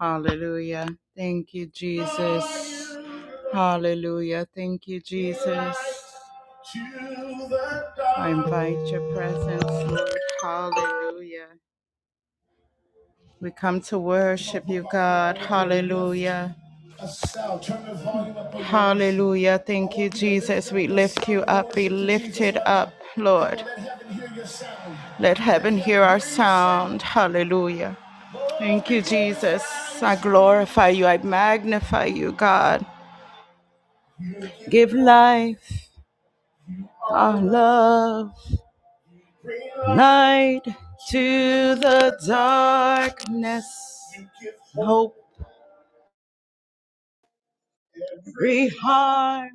Hallelujah. Thank you, Jesus. Hallelujah. Thank you, Jesus. I invite your presence, Lord. Hallelujah. We come to worship you, God. Hallelujah. Hallelujah. Thank you, Jesus. We lift you up. Be lifted up, Lord. Let heaven hear our sound. Hallelujah. Thank you, Jesus. I glorify you. I magnify you, God. Give life, our love, light to the darkness. Hope, free heart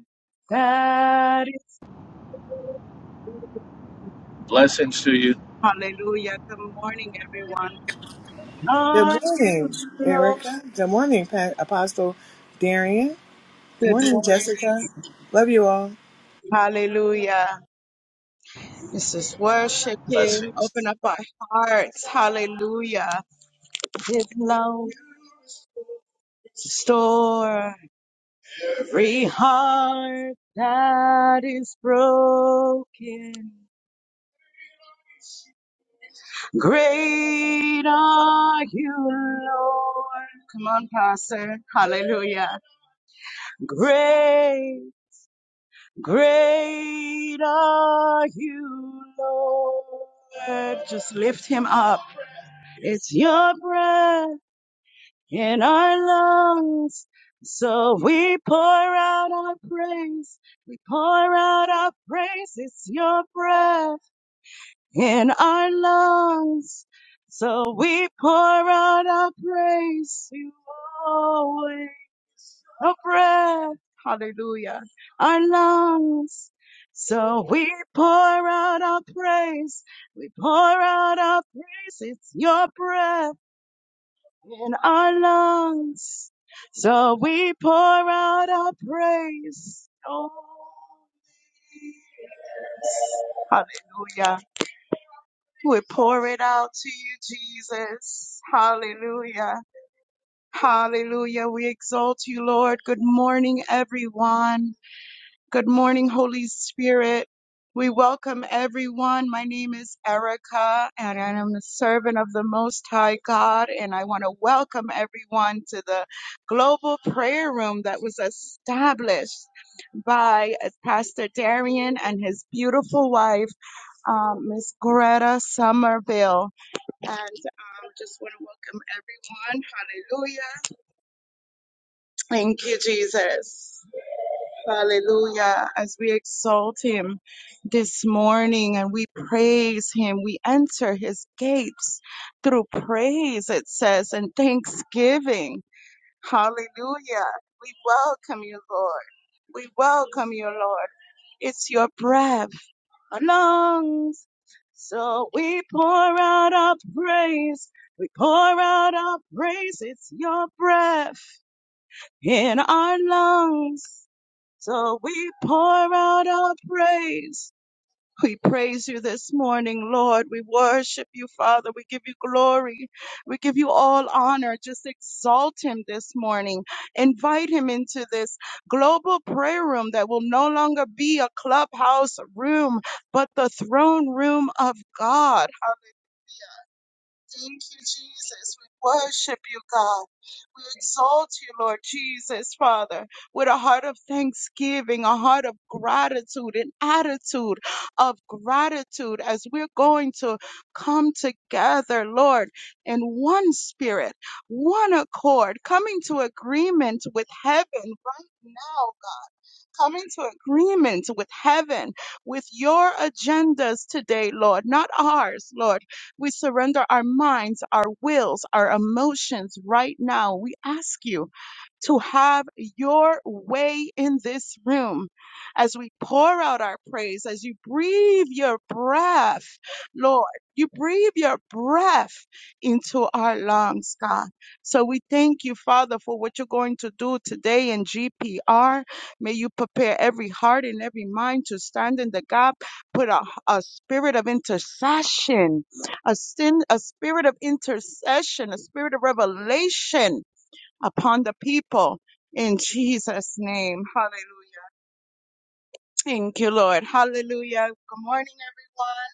that is. Blessings to you. Hallelujah. Good morning, everyone. Good Lord, you, morning, Lord. Erica. Good morning, Pa- Apostle Darian. Good Good morning, Jessica. morning. Love you all. Hallelujah. Let's just worship Him. Blessings. Open up our hearts. Hallelujah. His love restore every heart that is broken. Great are you, Lord. Come on, Pastor. Hallelujah. Great, great are you, Lord. Just lift him up. It's your breath. in our lungs. So we pour out our praise. We pour out our praise. It's your breath in our lungs. So we pour out our praise. You always a breath. Hallelujah. Our lungs. So we pour out our praise. We pour out our praise. It's your breath in our lungs. So we pour out our praise. Oh, yes. Hallelujah. We pour it out to you, Jesus. Hallelujah. Hallelujah. We exalt you, Lord. Good morning, everyone. Good morning, Holy Spirit. We welcome everyone. My name is Erica, and I am a servant of the Most High God. And I want to welcome everyone to the global prayer room that was established by Pastor Darian and his beautiful wife, um, Miss Greta Somerville. And um, just want to welcome everyone. Hallelujah. Thank you, Jesus. Hallelujah. As we exalt him this morning and we praise him, we enter his gates through praise, it says, and thanksgiving. Hallelujah. We welcome you, Lord. We welcome you, Lord. It's your breath, our lungs. So we pour out our praise. We pour out our praise. It's your breath in our lungs. So we pour out our praise. We praise you this morning, Lord. We worship you, Father. We give you glory. We give you all honor. Just exalt him this morning. Invite him into this global prayer room that will no longer be a clubhouse room, but the throne room of God. Thank you, Jesus. We worship you, God. We exalt you, Lord Jesus, Father, with a heart of thanksgiving, a heart of gratitude, an attitude of gratitude as we're going to come together, Lord, in one spirit, one accord, coming to agreement with heaven right now, Come into agreement with heaven, with your agendas today, Lord, not ours, Lord. We surrender our minds, our wills, our emotions right now. We ask you to have your way in this room as we pour out our praise, as you breathe your breath, Lord. You breathe your breath into our lungs, God. So we thank you, Father, for what you're going to do today in GPR. May you prepare every heart and every mind to stand in the gap. Put a, a spirit of intercession, a, sin, a spirit of intercession, a spirit of revelation upon the people in Jesus' name. Hallelujah. Thank you, Lord. Hallelujah. Good morning, everyone.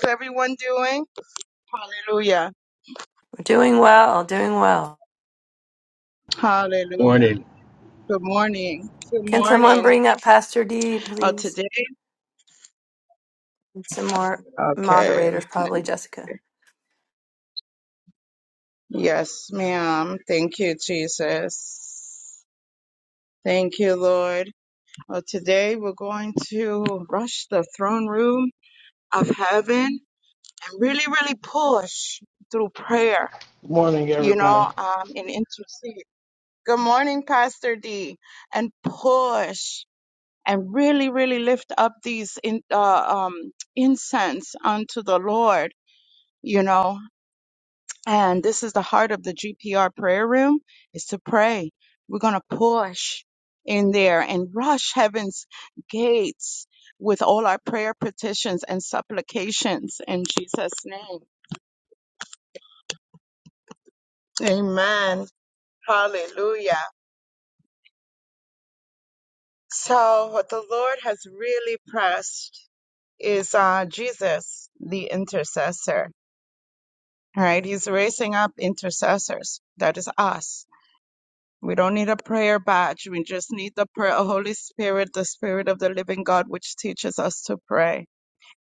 How's everyone doing? Hallelujah. Doing well, doing well. Hallelujah. Morning. Good morning. Good Can someone morning. bring up Pastor D, Oh, please? today? And some more Okay. moderators, probably Jessica. Yes, ma'am. Thank you, Jesus. Thank you, Lord. Well, today we're going to rush the throne room of heaven and really, really push through prayer, Good morning, you know, everybody. um, and intercede. Good morning, Pastor D. And push and really, really lift up these in, uh, um, incense unto the Lord, you know. And this is the heart of the GPR prayer room is to pray. We're going to push in there and rush heaven's gates with all our prayer petitions and supplications in Jesus name. Amen. Hallelujah. So what the Lord has really pressed is uh, Jesus, the intercessor. All right. He's raising up intercessors. That is us We don't need a prayer badge. We just need the prayer of Holy Spirit, the Spirit of the living God, which teaches us to pray.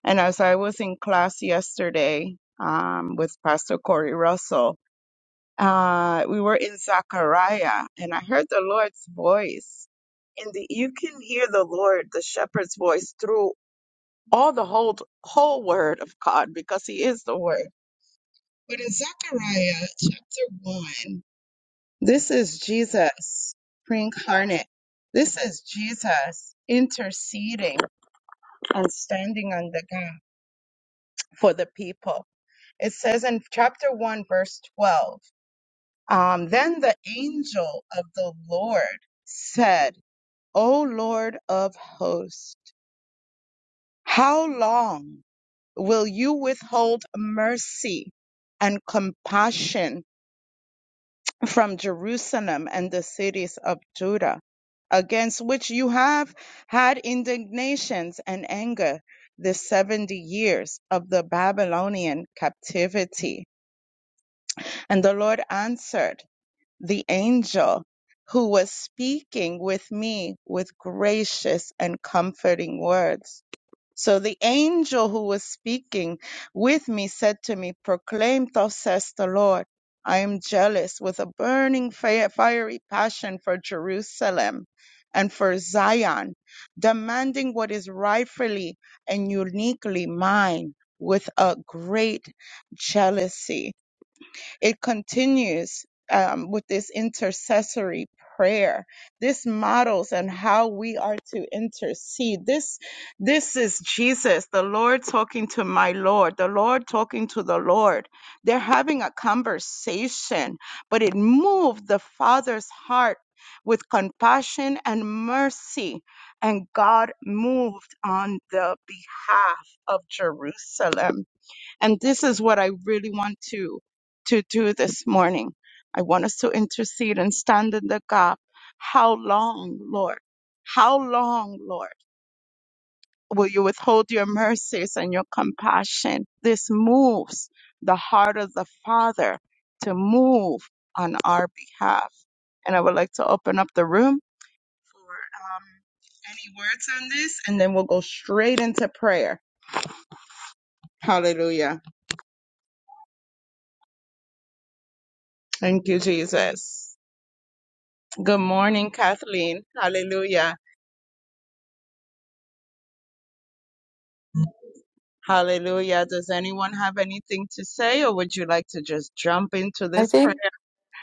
And as I was in class yesterday um, with Pastor Corey Russell, uh, we were in Zechariah, and I heard the Lord's voice. And the, you can hear the Lord, the shepherd's voice, through all the whole, whole word of God because he is the word. But in Zechariah chapter 1, this is Jesus preincarnate. This is Jesus interceding and standing on the gap for the people. It says in chapter 1, verse 12, um, then the angel of the Lord said, O Lord of hosts, how long will you withhold mercy and compassion from Jerusalem and the cities of Judah, against which you have had indignations and anger the seventy years of the Babylonian captivity. And the Lord answered the angel who was speaking with me with gracious and comforting words. So the angel who was speaking with me said to me, Proclaim, thus says the Lord, I am jealous with a burning fi- fiery passion for Jerusalem and for Zion, demanding what is rightfully and uniquely mine with a great jealousy. It continues um, with this intercessory prayer. This models and how we are to intercede. This this is Jesus, the Lord talking to my Lord, the Lord talking to the Lord. They're having a conversation, but it moved the Father's heart with compassion and mercy. And God moved on the behalf of Jerusalem. And this is what I really want to to do this morning. I want us to intercede and stand in the gap. How long, Lord? How long, Lord, will you withhold your mercies and your compassion? This moves the heart of the Father to move on our behalf. And I would like to open up the room for um, any words on this, and then we'll go straight into prayer. Hallelujah. Thank you, Jesus. Good morning, Kathleen. Hallelujah. Hallelujah. Does anyone have anything to say, or would you like to just jump into I this prayer? think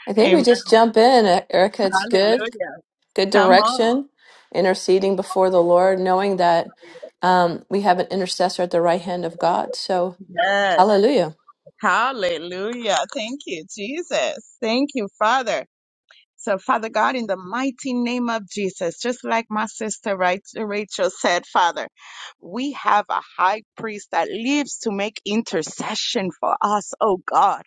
I think we Amen. just jump in, E- Erica. It's good, Hallelujah. good Come on. direction, interceding before the Lord, knowing that um, we have an intercessor at the right hand of God. So, Yes. hallelujah. Hallelujah. Thank you, Jesus. Thank you, Father. So, Father God, in the mighty name of Jesus, just like my sister Ra- Rachel said, Father, we have a high priest that lives to make intercession for us, oh God,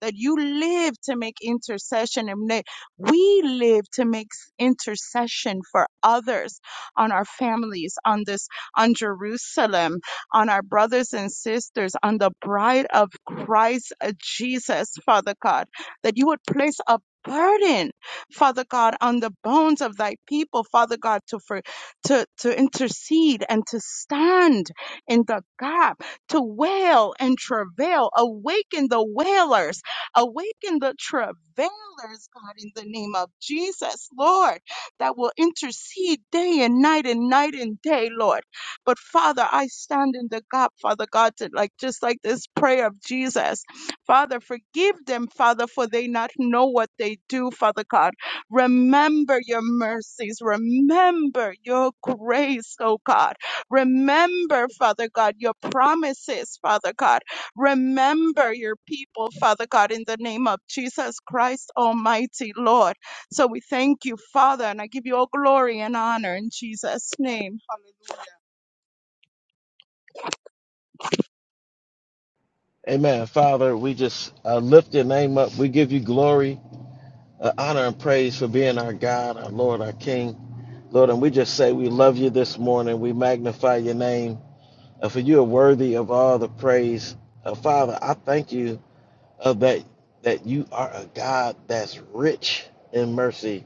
that you live to make intercession and that we live to make s- intercession for others on our families, on this, on Jerusalem, on our brothers and sisters, on the bride of Christ uh, Jesus, Father God, that you would place a burden Father God, on the bones of thy people, Father God, to for, to, to intercede and to stand in the gap, to wail and travail. Awaken the wailers, awaken the travailers, God, in the name of Jesus, Lord, that will intercede day and night and night and day, Lord. But Father, I stand in the gap, Father God, to like just like this prayer of Jesus. Father, forgive them, Father, for they not know what they do, Father God. Remember your mercies. Remember your grace, oh God. Remember, Father God, your promises, Father God. Remember your people, Father God, in the name of Jesus Christ, Almighty Lord. So we thank you, Father, and I give you all glory and honor in Jesus' name. Hallelujah. Amen. Father, we just uh, lift your name up. We give you glory, uh, honor, and praise for being our God, our Lord, our King. Lord, and we just say we love you this morning. We magnify your name, uh, for you are worthy of all the praise. Uh, Father, I thank you of that that you are a God that's rich in mercy.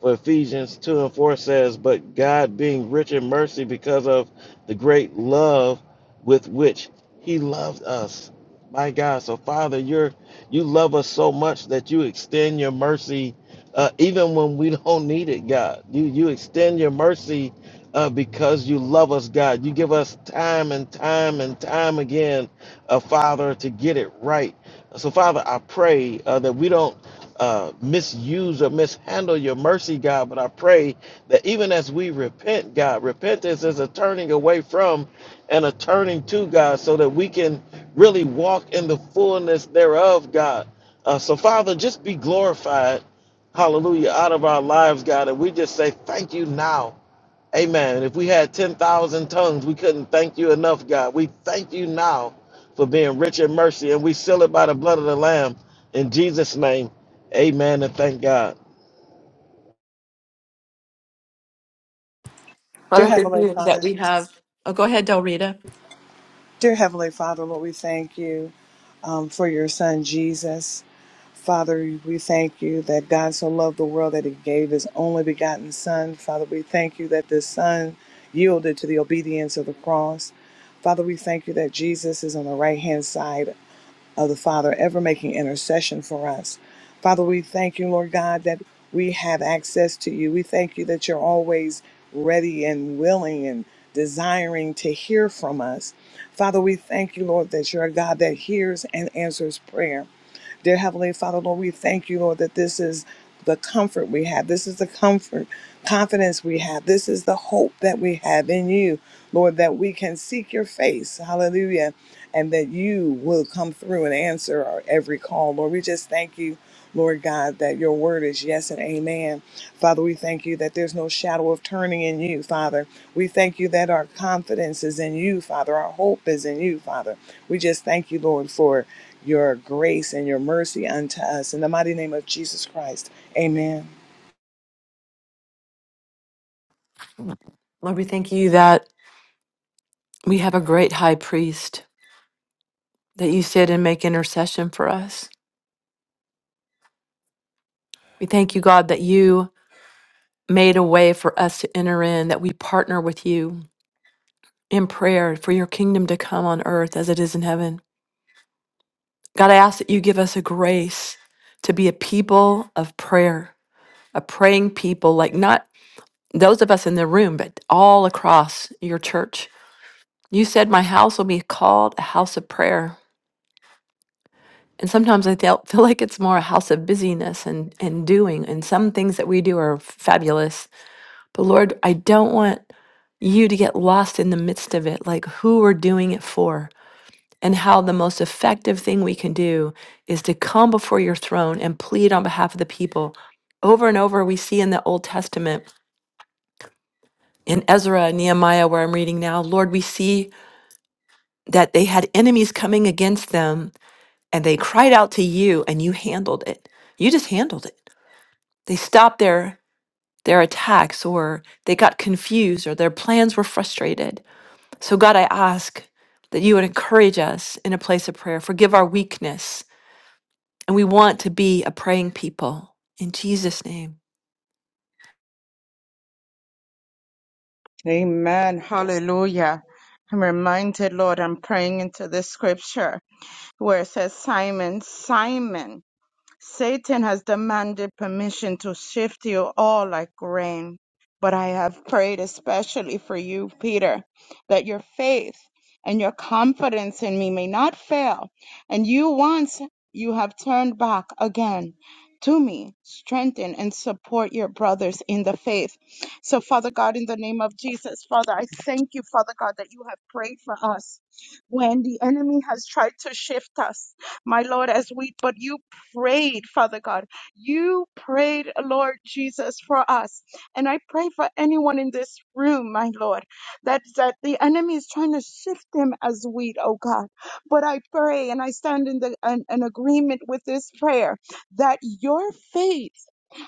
For Ephesians 2 and 4 says, But God being rich in mercy because of the great love with which he loved us. My God, so Father, you're you love us so much that you extend your mercy uh, even when we don't need it, God. You you extend your mercy uh, because you love us, God. You give us time and time and time again, uh, Father, to get it right so, Father, I pray uh, that we don't uh, misuse or mishandle your mercy, God, but I pray that even as we repent, God, repentance is a turning away from and a turning to, God, so that we can really walk in the fullness thereof, God. Uh, so, Father, just be glorified, hallelujah, out of our lives, God. And we just say thank you now Amen. If we had 10,000 tongues, we couldn't thank you enough, God. We thank you now for being rich in mercy, and we seal it by the blood of the Lamb. In Jesus' name, amen and thank God. Dear Father, thank Heavenly you Father, that we have. Oh, go ahead, Del Rita. dear Heavenly Father, Lord, we thank you um, for your Son, Jesus. Father, we thank you that God so loved the world that he gave his only begotten Son. Father, we thank you that the Son yielded to the obedience of the cross. Father, we thank you that Jesus is on the right hand side of the Father ever making intercession for us. Father, we thank you, Lord God, that we have access to you. We thank you that you're always ready and willing and desiring to hear from us. Father, we thank you, Lord, that you're a God that hears and answers prayer. Dear Heavenly Father, Lord, we thank you, Lord, that this is the comfort we have. This is the comfort, confidence we have. This is the hope that we have in you, Lord, that we can seek your face. Hallelujah. And that you will come through and answer our every call. Lord, we just thank you. Lord God, that your word is yes and amen. Father, we thank you that there's no shadow of turning in you, Father. We thank you that our confidence is in you, Father. Our hope is in you, Father. We just thank you, Lord, for your grace and your mercy unto us. In the mighty name of Jesus Christ, amen. Lord, we thank you that we have a great high priest, that you sit and make intercession for us. We thank you, God, that you made a way for us to enter in, that we partner with you in prayer for your kingdom to come on earth as it is in heaven. God, I ask that you give us a grace to be a people of prayer, a praying people, like not those of us in the room, but all across your church. You said, My house will be called a house of prayer. And sometimes I feel, feel like it's more a house of busyness and, and doing. And some things that we do are fabulous. But Lord, I don't want you to get lost in the midst of it, like who we're doing it for and how the most effective thing we can do is to come before your throne and plead on behalf of the people. Over and over, we see in the Old Testament, in Ezra and Nehemiah, where I'm reading now, Lord, we see that they had enemies coming against them and they cried out to you and you handled it. You just handled it They stopped their their attacks or they got confused or their plans were frustrated. So God, I ask that you would encourage us in a place of prayer. Forgive our weakness. And we want to be a praying people in Jesus name. Amen. Hallelujah. I'm reminded, Lord, I'm praying into this scripture where it says Simon, Simon. Satan has demanded permission to shift you all like grain. But I have prayed especially for you, Peter, that your faith and your confidence in me may not fail. And you, once you have turned back again to me, strengthen and support your brothers in the faith. So, Father God, in the name of Jesus, Father, I thank you, Father God, that you have prayed for us when the enemy has tried to shift us my Lord, as we, but you prayed, Father God. You prayed, Lord Jesus, for us. And I pray for anyone in this room, my Lord, that, that the enemy is trying to shift them as wheat, oh God. But I pray and I stand in the, an, an agreement with this prayer that your faith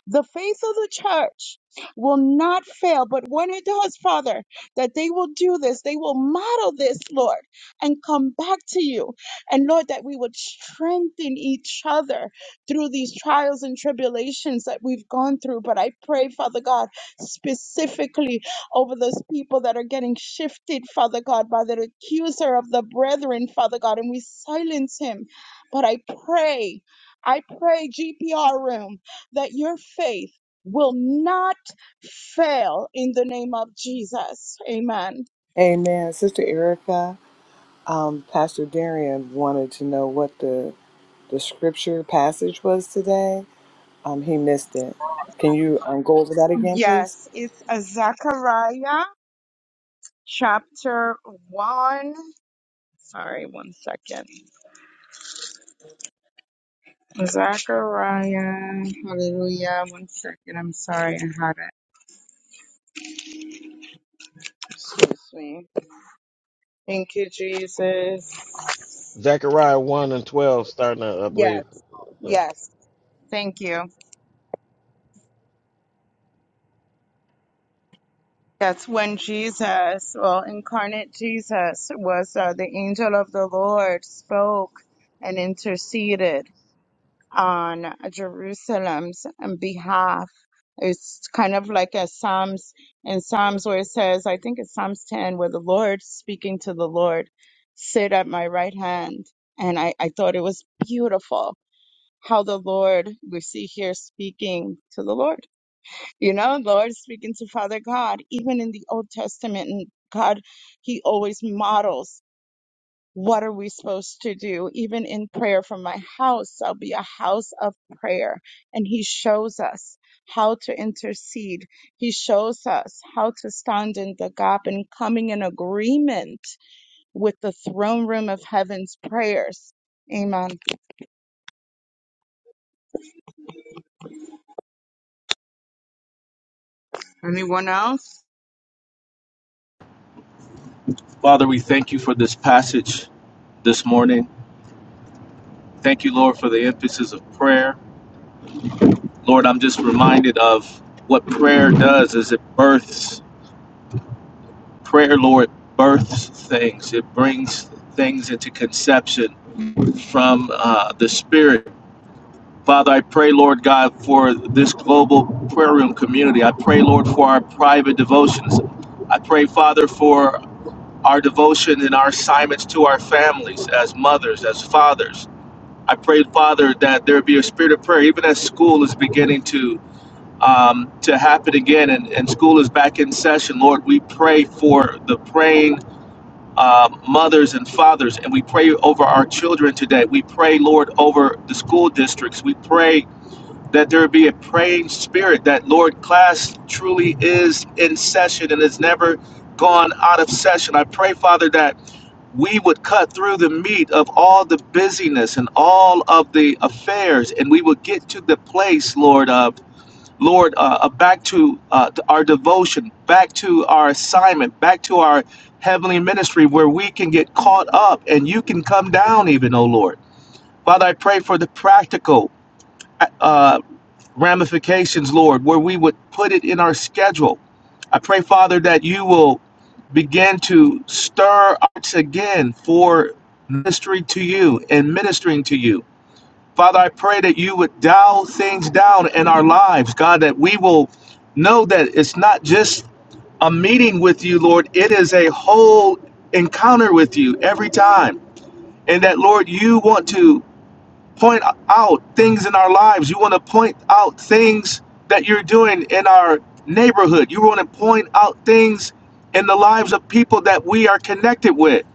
the faith of the church will not fail. But when it does, Father, that they will do this, they will model this, Lord, and come back to you. And Lord, that we would strengthen each other through these trials and tribulations that we've gone through. But I pray, Father God, specifically over those people that are getting shifted, Father God, by the accuser of the brethren, Father God, and we silence him. But I pray, I pray, GPR room, that your faith will not fail in the name of Jesus. Amen. Amen. Sister Erica, um, Pastor Darian wanted to know what the, the scripture passage was today. Um, he missed it. Can you um, go over that again, please? Yes, it's a Zechariah. chapter 1. Sorry, one second. Zechariah. Hallelujah. One second. I'm sorry. I had it. Excuse me. Thank you, Jesus. Zechariah 1 and 12, starting at I Yes. believe. Yeah. Yes. Thank you. That's when Jesus, well, incarnate Jesus was uh, the angel of the Lord spoke and interceded. on Jerusalem's behalf. It's kind of like a Psalms in Psalms where it says, I think it's Psalms 10, where the Lord speaking to the Lord, sit at my right hand. And I, I thought it was beautiful how the Lord we see here speaking to the Lord. You know, Lord speaking to Father God, even in the Old Testament, and God, He always models what are we supposed to do? Even in prayer from my house, I'll be a house of prayer. And he shows us how to intercede. He shows us how to stand in the gap and coming in agreement with the throne room of heaven's prayers. Amen. Anyone else? Father, we thank you for this passage this morning. Thank you, Lord, for the emphasis of prayer. Lord, I'm just reminded of what prayer does is it births prayer, Lord, births things. It brings things into conception from uh, the spirit. Father, I pray, Lord God, for this global prayer room community. I pray, Lord, for our private devotions. I pray, Father, for our devotion and our assignments to our families as mothers, as fathers. I pray, Father, that there be a spirit of prayer, even as school is beginning to um, to happen again and, and school is back in session. Lord, we pray for the praying uh, mothers and fathers, and we pray over our children today. We pray, Lord, over the school districts. We pray that there be a praying spirit, that, Lord, class truly is in session and has never gone out of session. I pray, Father, that we would cut through the meat of all the busyness and all of the affairs, and we would get to the place, Lord, of Lord, uh, uh, back to uh, to our devotion, back to our assignment, back to our heavenly ministry, where we can get caught up, and you can come down, even, oh Lord, Father. I pray for the practical. uh, ramifications, Lord, where we would put it in our schedule. I pray, Father, that you will begin to stir us again for ministry to you and ministering to you. Father, I pray that you would dial things down in our lives, God, that we will know that it's not just a meeting with you, Lord. It is a whole encounter with you every time. And that, Lord, you want to point out things in our lives. You want to point out things that you're doing in our neighborhood. You want to point out things in the lives of people that we are connected with.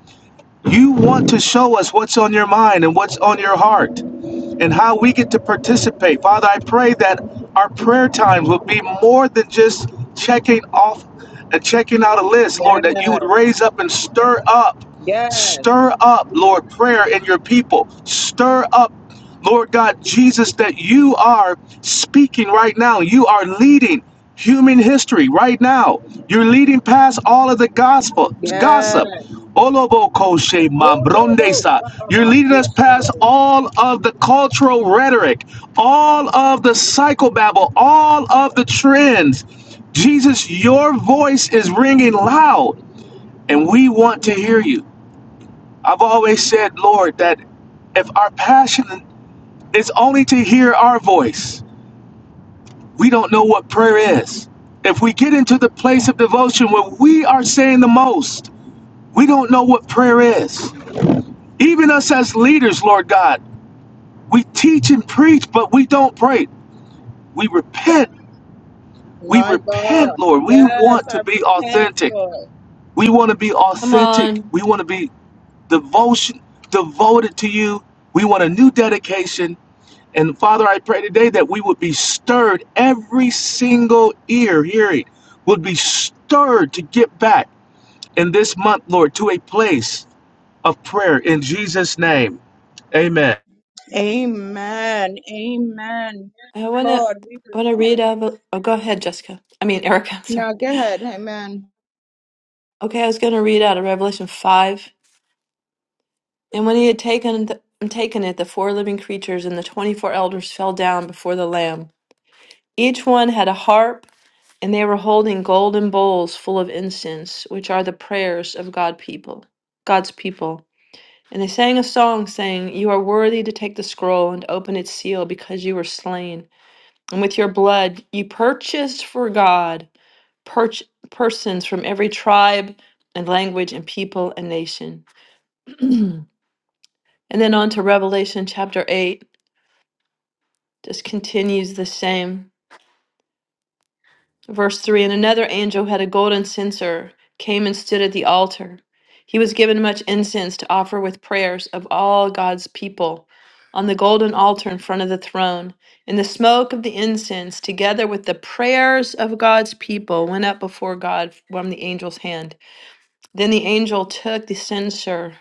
You want to show us what's on your mind and what's on your heart and how we get to participate. Father, I pray that our prayer times will be more than just checking off and checking out a list, Lord, Yes, that you would raise up and stir up yes, Stir up, Lord, prayer in your people. Stir up, Lord God, Jesus, that you are speaking right now. You are leading human history right now. You're leading past all of the gospel yes. gossip. Olobokoshe mambrondesa. You're leading us past all of the cultural rhetoric, all of the psychobabble, all of the trends. Jesus, your voice is ringing loud, and we want to hear you. I've always said, Lord, that if our passion is only to hear our voice, we don't know what prayer is. If we get into the place of devotion where we are saying the most, we don't know what prayer is. Even us as leaders, Lord God, we teach and preach, but we don't pray. We repent. We My God. repent, Lord. We Yes, want I to be repent, authentic. Lord. We want to be Come authentic. on. We want to be devotion, devoted to you. We want a new dedication And Father, I pray today that we would be stirred, every single ear hearing would be stirred to get back in this month, Lord, to a place of prayer in Jesus' name. Amen. Amen. Amen. Yes, I want to Lord, we I want to read out of, oh go ahead, Jessica. I mean Erica, I'm sorry. now go ahead. Amen. Okay, I was going to read out of Revelation 5. And when he had taken the, taken it, the four living creatures and the 24 elders fell down before the lamb Each one had a harp, and they were holding golden bowls full of incense, which are the prayers of God people, God's people. And they sang a song saying, "You are worthy to take the scroll and open its seal because you were slain, and with your blood you purchased for God perch- persons from every tribe and language and people and nation." and then on to Revelation chapter 8. Just continues the same. Verse 3 And another angel had a golden censer, came and stood at the altar. He was given much incense to offer with prayers of all God's people on the golden altar in front of the throne. And the smoke of the incense, together with the prayers of God's people, went up before God from the angel's hand. Then the angel took the censer,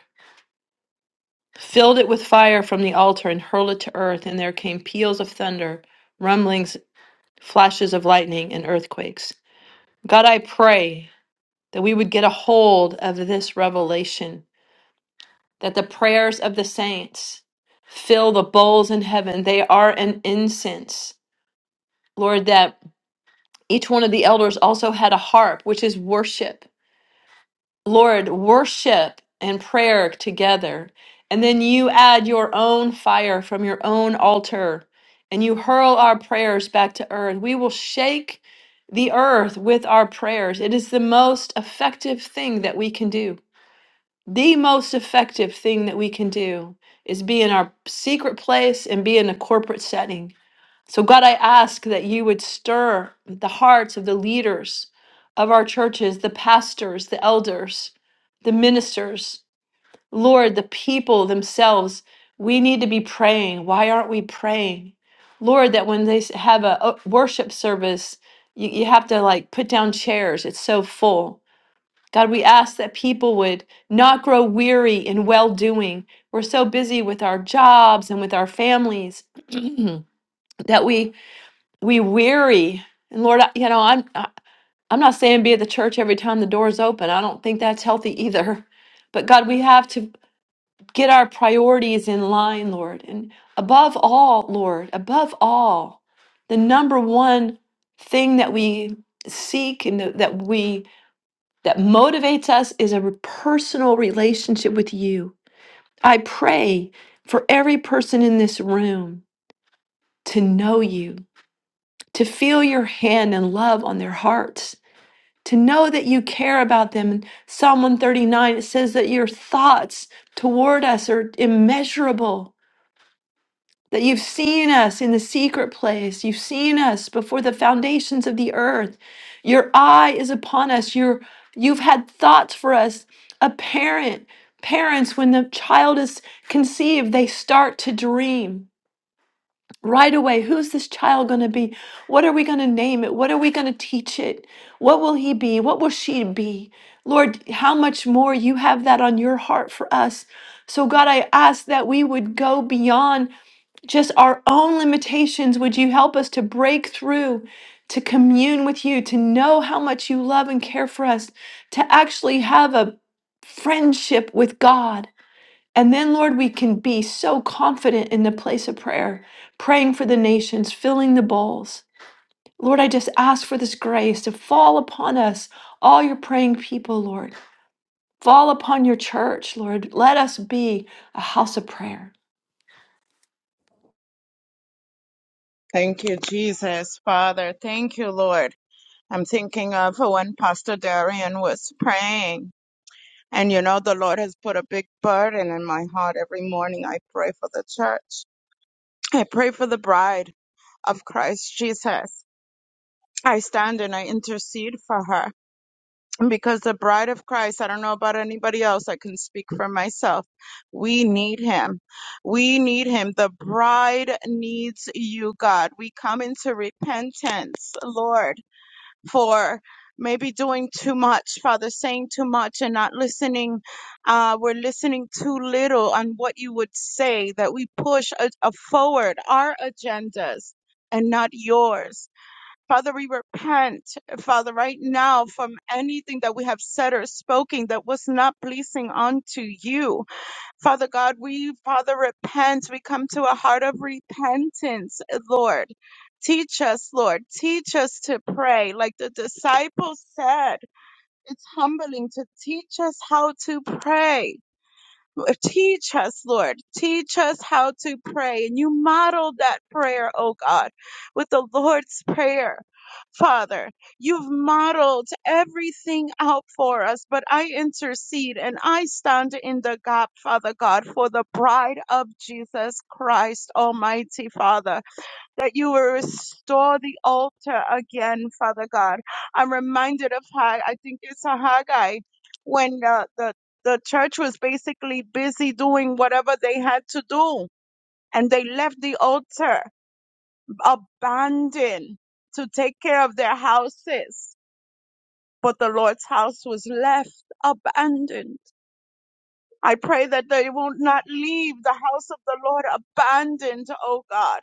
filled it with fire from the altar, and hurled it to earth. And there came peals of thunder, rumblings, flashes of lightning, and earthquakes. God, I pray. that we would get a hold of this revelation that the prayers of the saints fill the bowls in heaven. They are an incense. Lord, that each one of the elders also had a harp, which is worship. Lord, worship and prayer together. And then you add your own fire from your own altar and you hurl our prayers back to earth. We will shake the earth with our prayers. It is the most effective thing that we can do. the most effective thing that we can do is be in our secret place and be in a corporate setting. So, God, I ask that you would stir the hearts of the leaders of our churches, the pastors, the elders, the ministers, Lord, the people themselves. We need to be praying. Why aren't we praying? Lord, that when they s- have a uh, worship service, you, you have to like put down chairs, it's so full God, we ask that people would not grow weary in well doing. We're so busy with our jobs and with our families that we we weary. And Lord, I- you know, I'm I- I'm not saying be at the church every time the doors open. I don't think that's healthy either. But God, we have to get our priorities in line, Lord. And above all, Lord, above all, the number one thing that we seek and that we that motivates us is a personal relationship with you. I pray for every person in this room to know you, to feel your hand and love on their hearts, to know that you care about them. In Psalm 139, it says that your thoughts toward us are immeasurable. that you've seen us in the secret place. You've seen us before the foundations of the earth. Your eye is upon us. Your, you've had thoughts for us. A parent, parents, when the child is conceived, they start to dream right away. Who's this child going to be? What are we going to name it? What are we going to teach it? What will he be? What will she be? Lord, how much more you have that on your heart for us. So, God, I ask that we would go beyond just our own limitations. Would you help us to break through, to commune with you, to know how much you love and care for us, to actually have a friendship with God? And then, Lord, we can be so confident in the place of prayer, praying for the nations, filling the bowls. Lord, I just ask for this grace to fall upon us, all your praying people, Lord. Fall upon your church, Lord. Let us be a house of prayer. Thank you, Jesus, Father. Thank you, Lord. I'm thinking of when Pastor Darian was praying. And you know, the Lord has put a big burden in my heart every morning. I pray for the church. I pray for the bride of Christ Jesus. I stand and I intercede for her. because the bride of Christ, I don't know about anybody else, I can speak for myself. We need him. We need him. The bride needs you, God. We come into repentance, Lord, for maybe doing too much, Father, saying too much and not listening. Uh, we're listening too little on what you would say, that we push a, a forward our agendas and not yours Father, we repent, Father, right now from anything that we have said or spoken that was not pleasing unto you. Father God, we, Father, repent. We come to a heart of repentance, Lord. Teach us, Lord. Teach us to pray. Like the disciples said, it's humbling to teach us how to pray. Teach us, Lord. Teach us how to pray. And you modeled that prayer, oh God, with the Lord's Prayer. Father, you've modeled everything out for us, but I intercede and I stand in the gap, Father God, for the bride of Jesus Christ, Almighty Father that you will restore the altar again, Father God. I'm reminded of Hag, I think it's a Haggai, when uh, the, the church was basically busy doing whatever they had to do. And they left the altar abandoned to take care of their houses. But the Lord's house was left abandoned. I pray that they will not leave the house of the Lord abandoned, oh God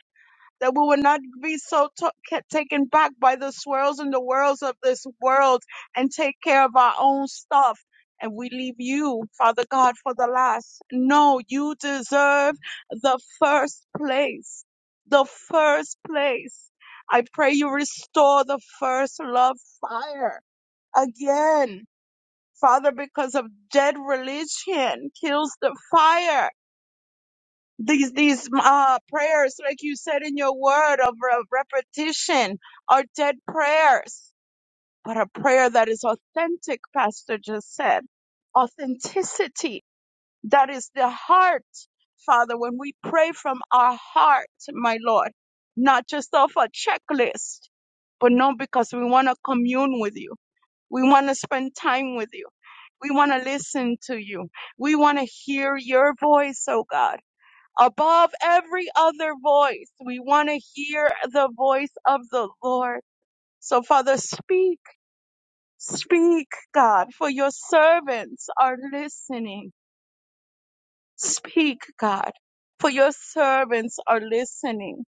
that we will not be so t- kept taken back by the swirls and the whirls of this world and take care of our own stuff. And we leave you, Father God, for the last. No, you deserve the first place. The first place. I pray you restore the first love fire again. Father, because of dead religion kills the fire these these uh prayers like you said in your word of re- repetition are dead prayers but a prayer that is authentic pastor just said authenticity that is the heart father when we pray from our heart my lord not just off a checklist but no because we want to commune with you we want to spend time with you we want to listen to you we want to hear your voice oh god above every other voice. We want to hear the voice of the Lord. So, Father, speak, speak, God, for your servants are listening. Speak, God, for your servants are listening.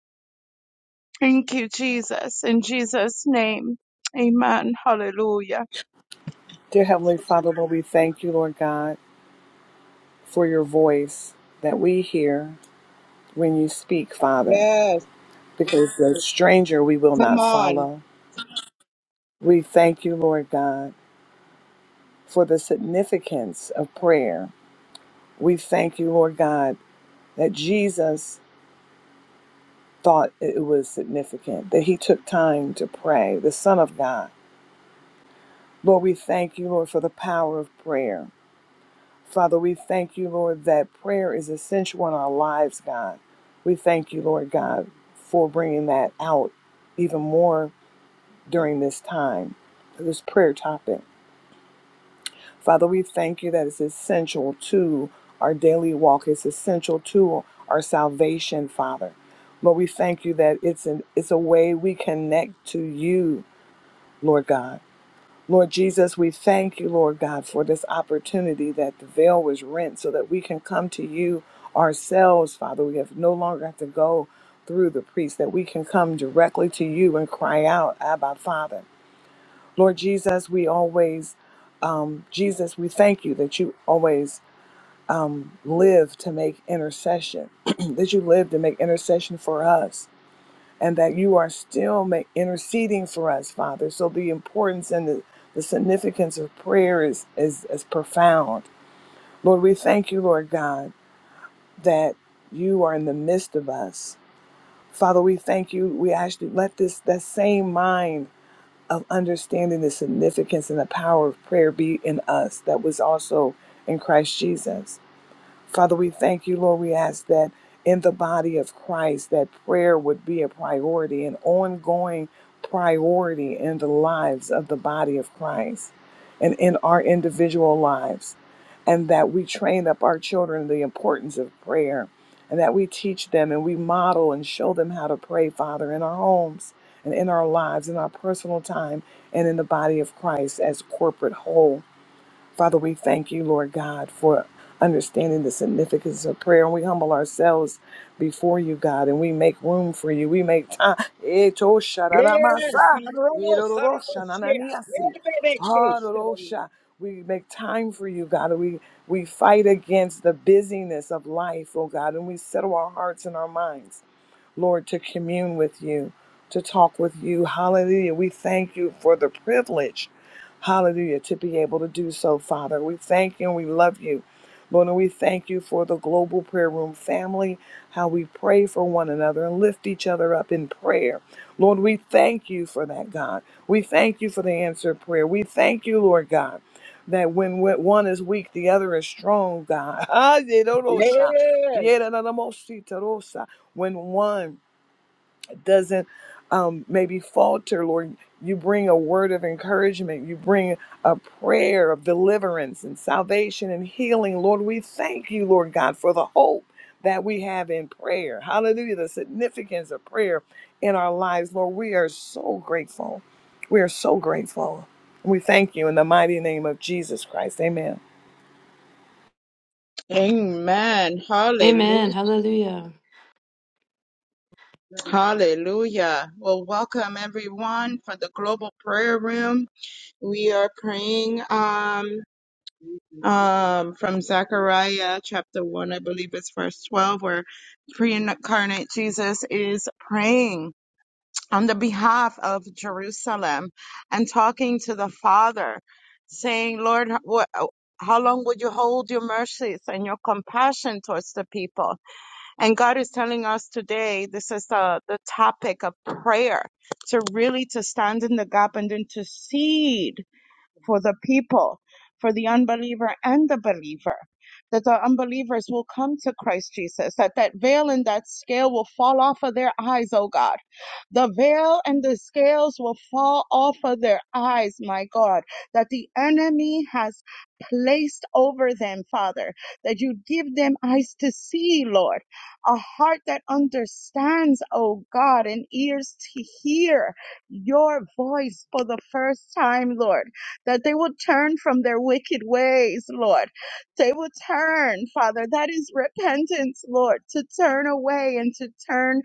Thank you, Jesus. In Jesus' name, amen. Hallelujah. Dear Heavenly Father, Lord, we thank you, Lord God, for your voice that we hear when you speak, Father, Yes, because the stranger we will come not on. follow. We thank you, Lord God, for the significance of prayer. We thank you, Lord God, that Jesus thought it was significant, that he took time to pray, the Son of God. Lord, we thank you, Lord, for the power of prayer. Father, we thank you, Lord, that prayer is essential in our lives, God. We thank you, Lord God, for bringing that out even more during this time, this prayer topic. Father, we thank you that it's essential to our daily walk, it's essential to our salvation, Father. Lord, we thank you that it's, an, it's a way we connect to you, Lord God. Lord Jesus, we thank you, Lord God, for this opportunity that the veil was rent so that we can come to you ourselves, Father. We have no longer have to go through the priest, that we can come directly to you and cry out, Abba, Father. Lord Jesus, we always, um, Jesus, we thank you that you always live to make intercession, that you live to make intercession for us and that you are still ma- interceding for us, Father. So the importance and the, the significance of prayer is, is, is profound. Lord, we thank you, Lord God, that you are in the midst of us. Father, we thank you. We ask you, let this that same mind of understanding the significance and the power of prayer be in us that was also in Christ Jesus. Father, we thank you, Lord. We ask that in the body of Christ, that prayer would be a priority, an ongoing priority in the lives of the body of Christ and in our individual lives. And that we train up our children the importance of prayer and that we teach them and we model and show them how to pray, Father, in our homes and in our lives, in our personal time, and in the body of Christ as corporate whole. Father, we thank you, Lord God, for understanding the significance of prayer. And we humble ourselves before you, God, and we make room for you. We make time. Eto shararamasa, Yes, Sarabosea. irororo shanananiasi, harorosha. We make time for you, God. and We we fight against the busyness of life, oh God, and we settle our hearts and our minds. Lord, to commune with you, to talk with you. Hallelujah. We thank you for the privilege, hallelujah, to be able to do so, Father. We thank you and we love you. Lord, and we thank you for the global prayer room family, how we pray for one another and lift each other up in prayer. Lord, we thank you for that, God. We thank you for the answered prayer. We thank you, Lord God, that when we- one is weak, the other is strong, God. Ah, yeah, no, no, sha. Yes, Yeah, no, no, no, mo, si, ta, ro, when one doesn't um, maybe falter, Lord, you bring a word of encouragement. You bring a prayer of deliverance and salvation and healing. Lord, we thank you, Lord God, for the hope that we have in prayer. Hallelujah. The significance of prayer in our lives, Lord, we are so grateful. We are so grateful. We thank you in the mighty name of Jesus Christ. Amen. Amen. Hallelujah. Amen. Hallelujah. Hallelujah. Well, welcome everyone for the global prayer room. We are praying um um from Zechariah chapter one, I believe it's verse twelve, where pre-incarnate Jesus is praying on the behalf of Jerusalem and talking to the Father, saying, Lord, what how long would you hold your mercies and your compassion towards the people? And God is telling us today, this is the the topic of prayer, to really to stand in the gap and intercede for the people, for the unbeliever and the believer, that the unbelievers will come to Christ Jesus, that that veil and that scale will fall off of their eyes, oh God. The veil and the scales will fall off of their eyes, my God, that the enemy has placed over them, Father, that you give them eyes to see, Lord, a heart that understands, oh God, and ears to hear your voice for the first time, Lord that they would turn from their wicked ways, Lord. They would turn, Father. That is repentance, Lord, to turn away and to turn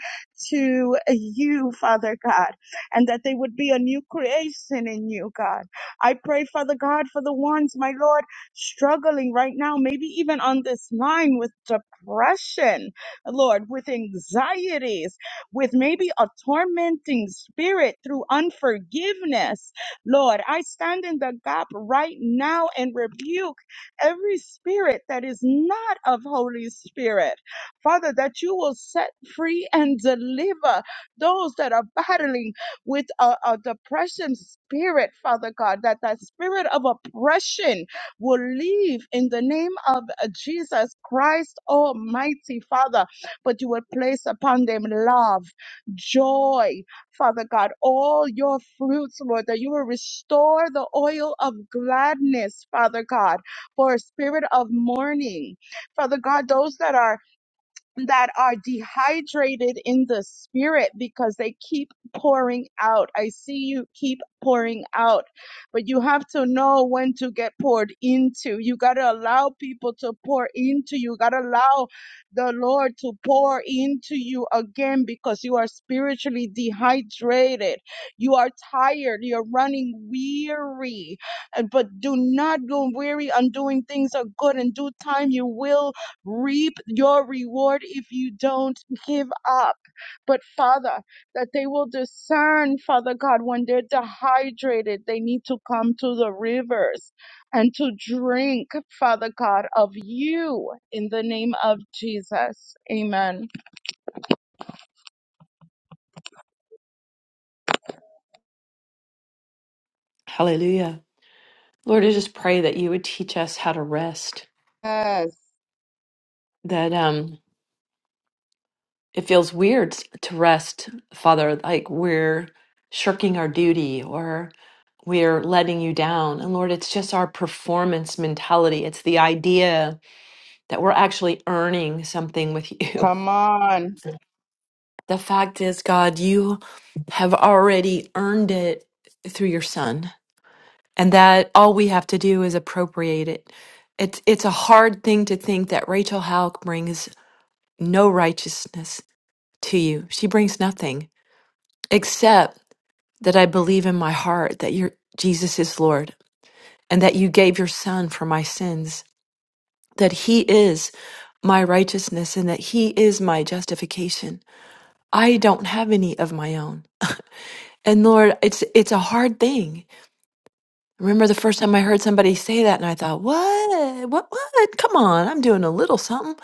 to you, Father God, and that they would be a new creation in you, God. I pray, Father God, for the ones, my Lord, struggling right now, maybe even on this line with depression, Lord, with anxieties, with maybe a tormenting spirit through unforgiveness. Lord, I stand in the gap right now and rebuke every spirit that is not of Holy Spirit. Father, that you will set free and deliver those that are battling with a, a depression spirit, Father God, that that spirit of oppression will leave in the name of Jesus Christ Almighty, Father. But you will place upon them love, joy, Father God, all your fruits, Lord, that you will restore the oil of gladness, Father God, for a spirit of mourning. Father God, those that are that are dehydrated in the spirit because they keep pouring out. I see you keep pouring out, but you have to know when to get poured into. You got to allow people to pour into you. You Got to allow the Lord to pour into you again because you are spiritually dehydrated. You are tired. You're running weary. And- But do not go weary on doing things are good. In due time, you will reap your reward if you don't give up. But Father, that they will discern, Father God, when they're dehydrated, they need to come to the rivers and to drink, Father God, of you in the name of Jesus. Amen. Hallelujah. Lord, I just pray that you would teach us how to rest. Yes. That um it feels weird to rest, Father, like we're shirking our duty or we're letting you down. And Lord, it's just our performance mentality. It's the idea that we're actually earning something with you. Come on. The fact is, God, you have already earned it through your son. And that all we have to do is appropriate it. It's it's a hard thing to think that Rachel Halk brings no righteousness to you. She brings nothing except that I believe in my heart that your Jesus is Lord and that you gave your son for my sins, that he is my righteousness and that he is my justification. I don't have any of my own. And Lord, it's it's a hard thing. I remember the first time I heard somebody say that and I thought, "What? What what? Come on, I'm doing a little something."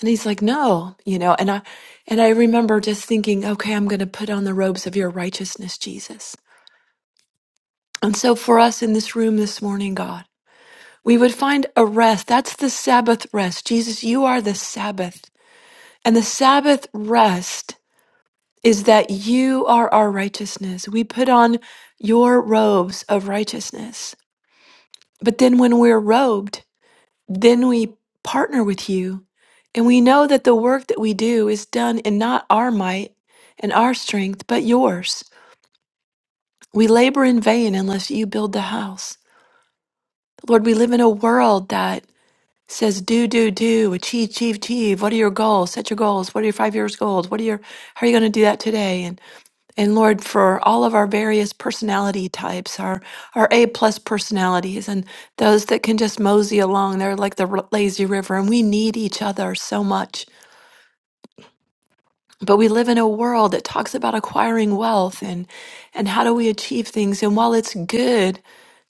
And he's like, no, you know, and I and I remember just thinking, okay, I'm going to put on the robes of your righteousness, Jesus. And so for us in this room this morning, God, we would find a rest. That's the Sabbath rest. Jesus, you are the Sabbath. And the Sabbath rest is that you are our righteousness. We put on your robes of righteousness. But then when we're robed, then we partner with you and we know that the work that we do is done in not our might and our strength, but yours. We labor in vain unless you build the house. Lord, we live in a world that says, do, do, do, achieve, achieve, achieve. What are your goals? Set your goals. What are your five years goals? What are your, how are you going to do that today? And Lord, for all of our various personality types, our, our A plus personalities, and those that can just mosey along, they're like the r- lazy river, and we need each other so much. But we live in a world that talks about acquiring wealth and, and how do we achieve things. And while it's good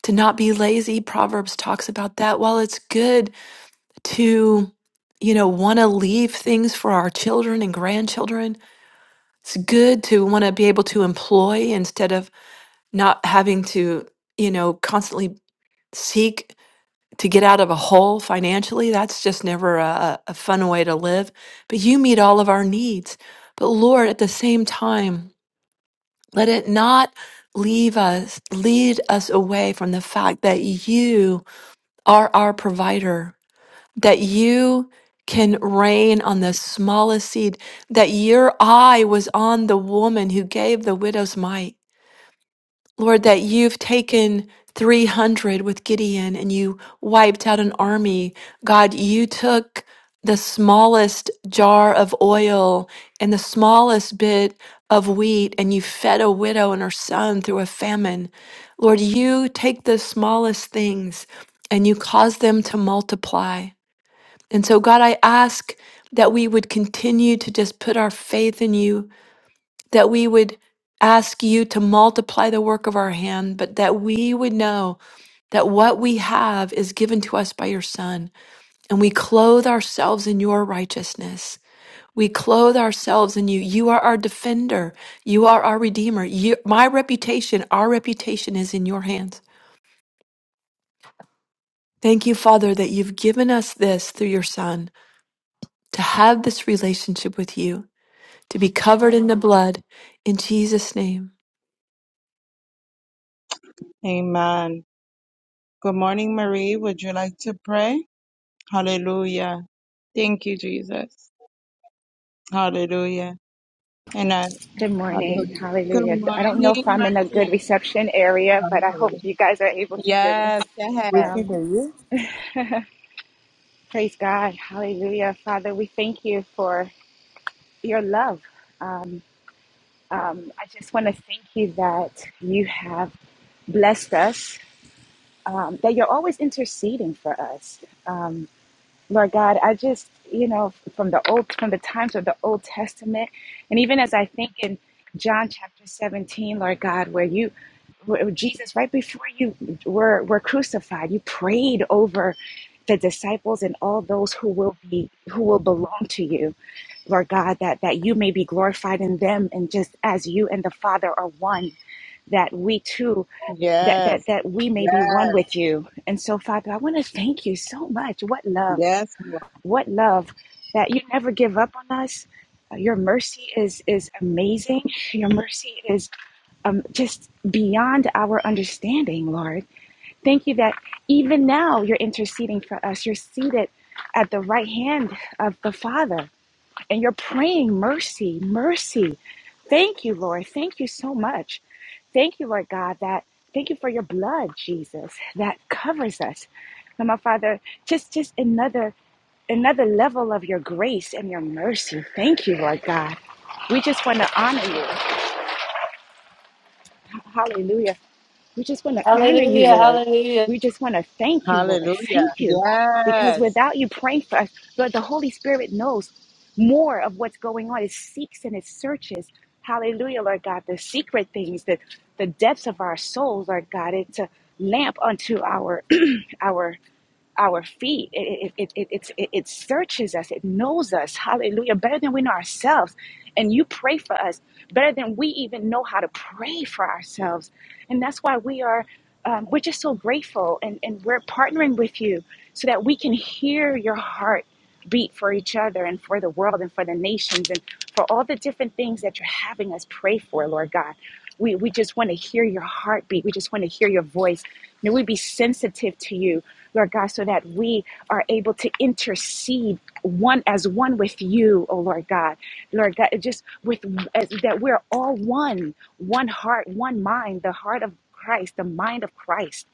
to not be lazy, Proverbs talks about that. While it's good to, you know, want to leave things for our children and grandchildren, it's good to want to be able to employ instead of not having to, you know, constantly seek to get out of a hole financially. That's just never a, a fun way to live. But you meet all of our needs. But Lord, at the same time, let it not leave us, lead us away from the fact that you are our provider, that you can rain on the smallest seed, that your eye was on the woman who gave the widow's mite Lord, that you've taken 300 with Gideon and you wiped out an army. God, you took the smallest jar of oil and the smallest bit of wheat and you fed a widow and her son through a famine. Lord, you take the smallest things and you cause them to multiply. And so, God, I ask that we would continue to just put our faith in you that we would ask you to multiply the work of our hand, but that we would know that what we have is given to us by your Son, and we clothe ourselves in your righteousness. We clothe ourselves in you. You are our defender. You are our redeemer. You, my reputation, our reputation is in your hands. Thank you, Father, that you've given us this through your Son to have this relationship with you, to be covered in the blood. In Jesus' name. Amen. Good morning. Hallelujah. Thank you, Jesus. Hallelujah. And I, Good morning. hallelujah. Good Hallelujah. I don't know morning, if I'm my in a good reception area, but I hope dear. you guys are able to hear me. Yes, go We ahead. thank Um, you. praise God. Hallelujah. Father, we thank you for your love. Um, I just want to thank you that you have blessed us, um, that you're always interceding for us. Um, Lord God, I just, you know, from the old, from the times of the Old Testament, and even as I think in John chapter 17, Lord God, where you, where Jesus, right before you were, were crucified, you prayed over the disciples and all those who will be, who will belong to you, Lord God, that, that you may be glorified in them. And just as you and the Father are one, that we too that that Yes. that we may be one Yes. with you. And so, Father, I want to thank you so much. What love Yes. Lord. what love that you never give up on us. Uh, Your mercy is is amazing. Your mercy is um, just beyond our understanding, Lord. Thank you that even now you're interceding for us. You're seated at the right hand of the Father. And you're praying mercy, mercy. Thank you, Lord. Thank you so much. Thank you, Lord God, that thank you for your blood, Jesus, that covers us. And my Father, just just another another level of your grace and your mercy. Thank you, Lord God. We just want to honor you. Hallelujah. We just want to honor you, Hallelujah, Lord. hallelujah. We just want to thank you, Lord. Hallelujah. Thank you. Because Yes. without you praying for us, Lord, the Holy Spirit knows more of what's going on. It seeks and it searches. Hallelujah, Lord God, the secret things, the, the depths of our souls, Lord God. It's a lamp unto our our our feet. It, it, it, it, it, it searches us, it knows us, hallelujah, better than we know ourselves. And you pray for us better than we even know how to pray for ourselves. And that's why we are, um, we're just so grateful and, and we're partnering with you so that we can hear your heart beat for each other and for the world and for the nations and for all the different things that you're having us pray for, Lord God. We, we just want to hear your heartbeat. We just want to hear your voice. May we be sensitive to you, Lord God, so that we are able to intercede one as one with you, oh Lord God. Lord God, just with as, that we're all one, one heart, one mind, the heart of Christ, the mind of Christ,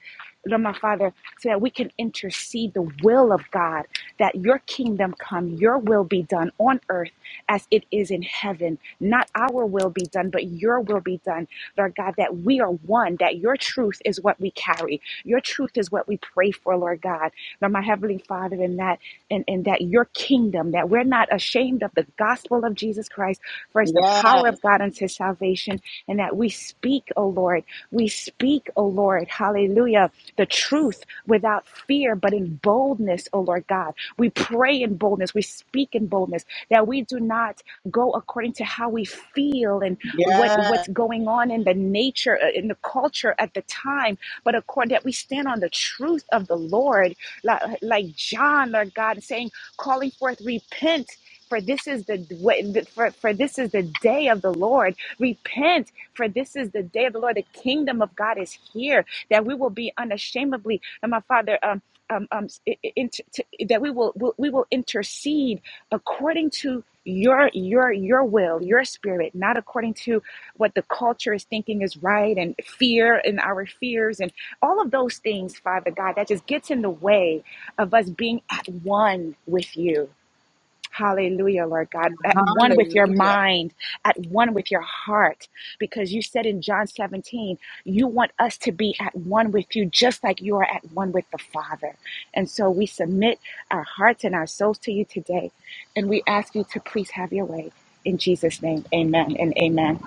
Lord my Father, so that we can intercede the will of God, that your kingdom come, your will be done on earth as it is in heaven. Not our will be done, but your will be done, Lord God, that we are one, that your truth is what we carry. Your truth is what we pray for, Lord God. Lord my Heavenly Father, in that and, and that your kingdom, that we're not ashamed of the gospel of Jesus Christ, for it's the Yes. power of God unto salvation salvation and that we speak, O Lord. We speak, O Lord, hallelujah, the truth without fear, but in boldness, O Lord God. We pray in boldness. We speak in boldness that we do not go according to how we feel and what, Yes. what's going on in the nature, uh, in the culture at the time, but according that we stand on the truth of the Lord, like, like John, Lord God, saying, calling forth, repent for this is the way for, for this is the day of the lord repent for this is the day of the lord the kingdom of god is here that we will be unashamedly and my father um um, um inter, to, that we will, will we will intercede according to your your your will your spirit not according to what the culture is thinking is right and fear and our fears and all of those things father god that just gets in the way of us being at one with you Hallelujah, Lord God. At one with your Hallelujah. mind, at one with your heart, because you said in John 17, you want us to be at one with you, just like you are at one with the Father. And so we submit our hearts and our souls to you today, and we ask you to please have your way. In Jesus' name, amen and amen.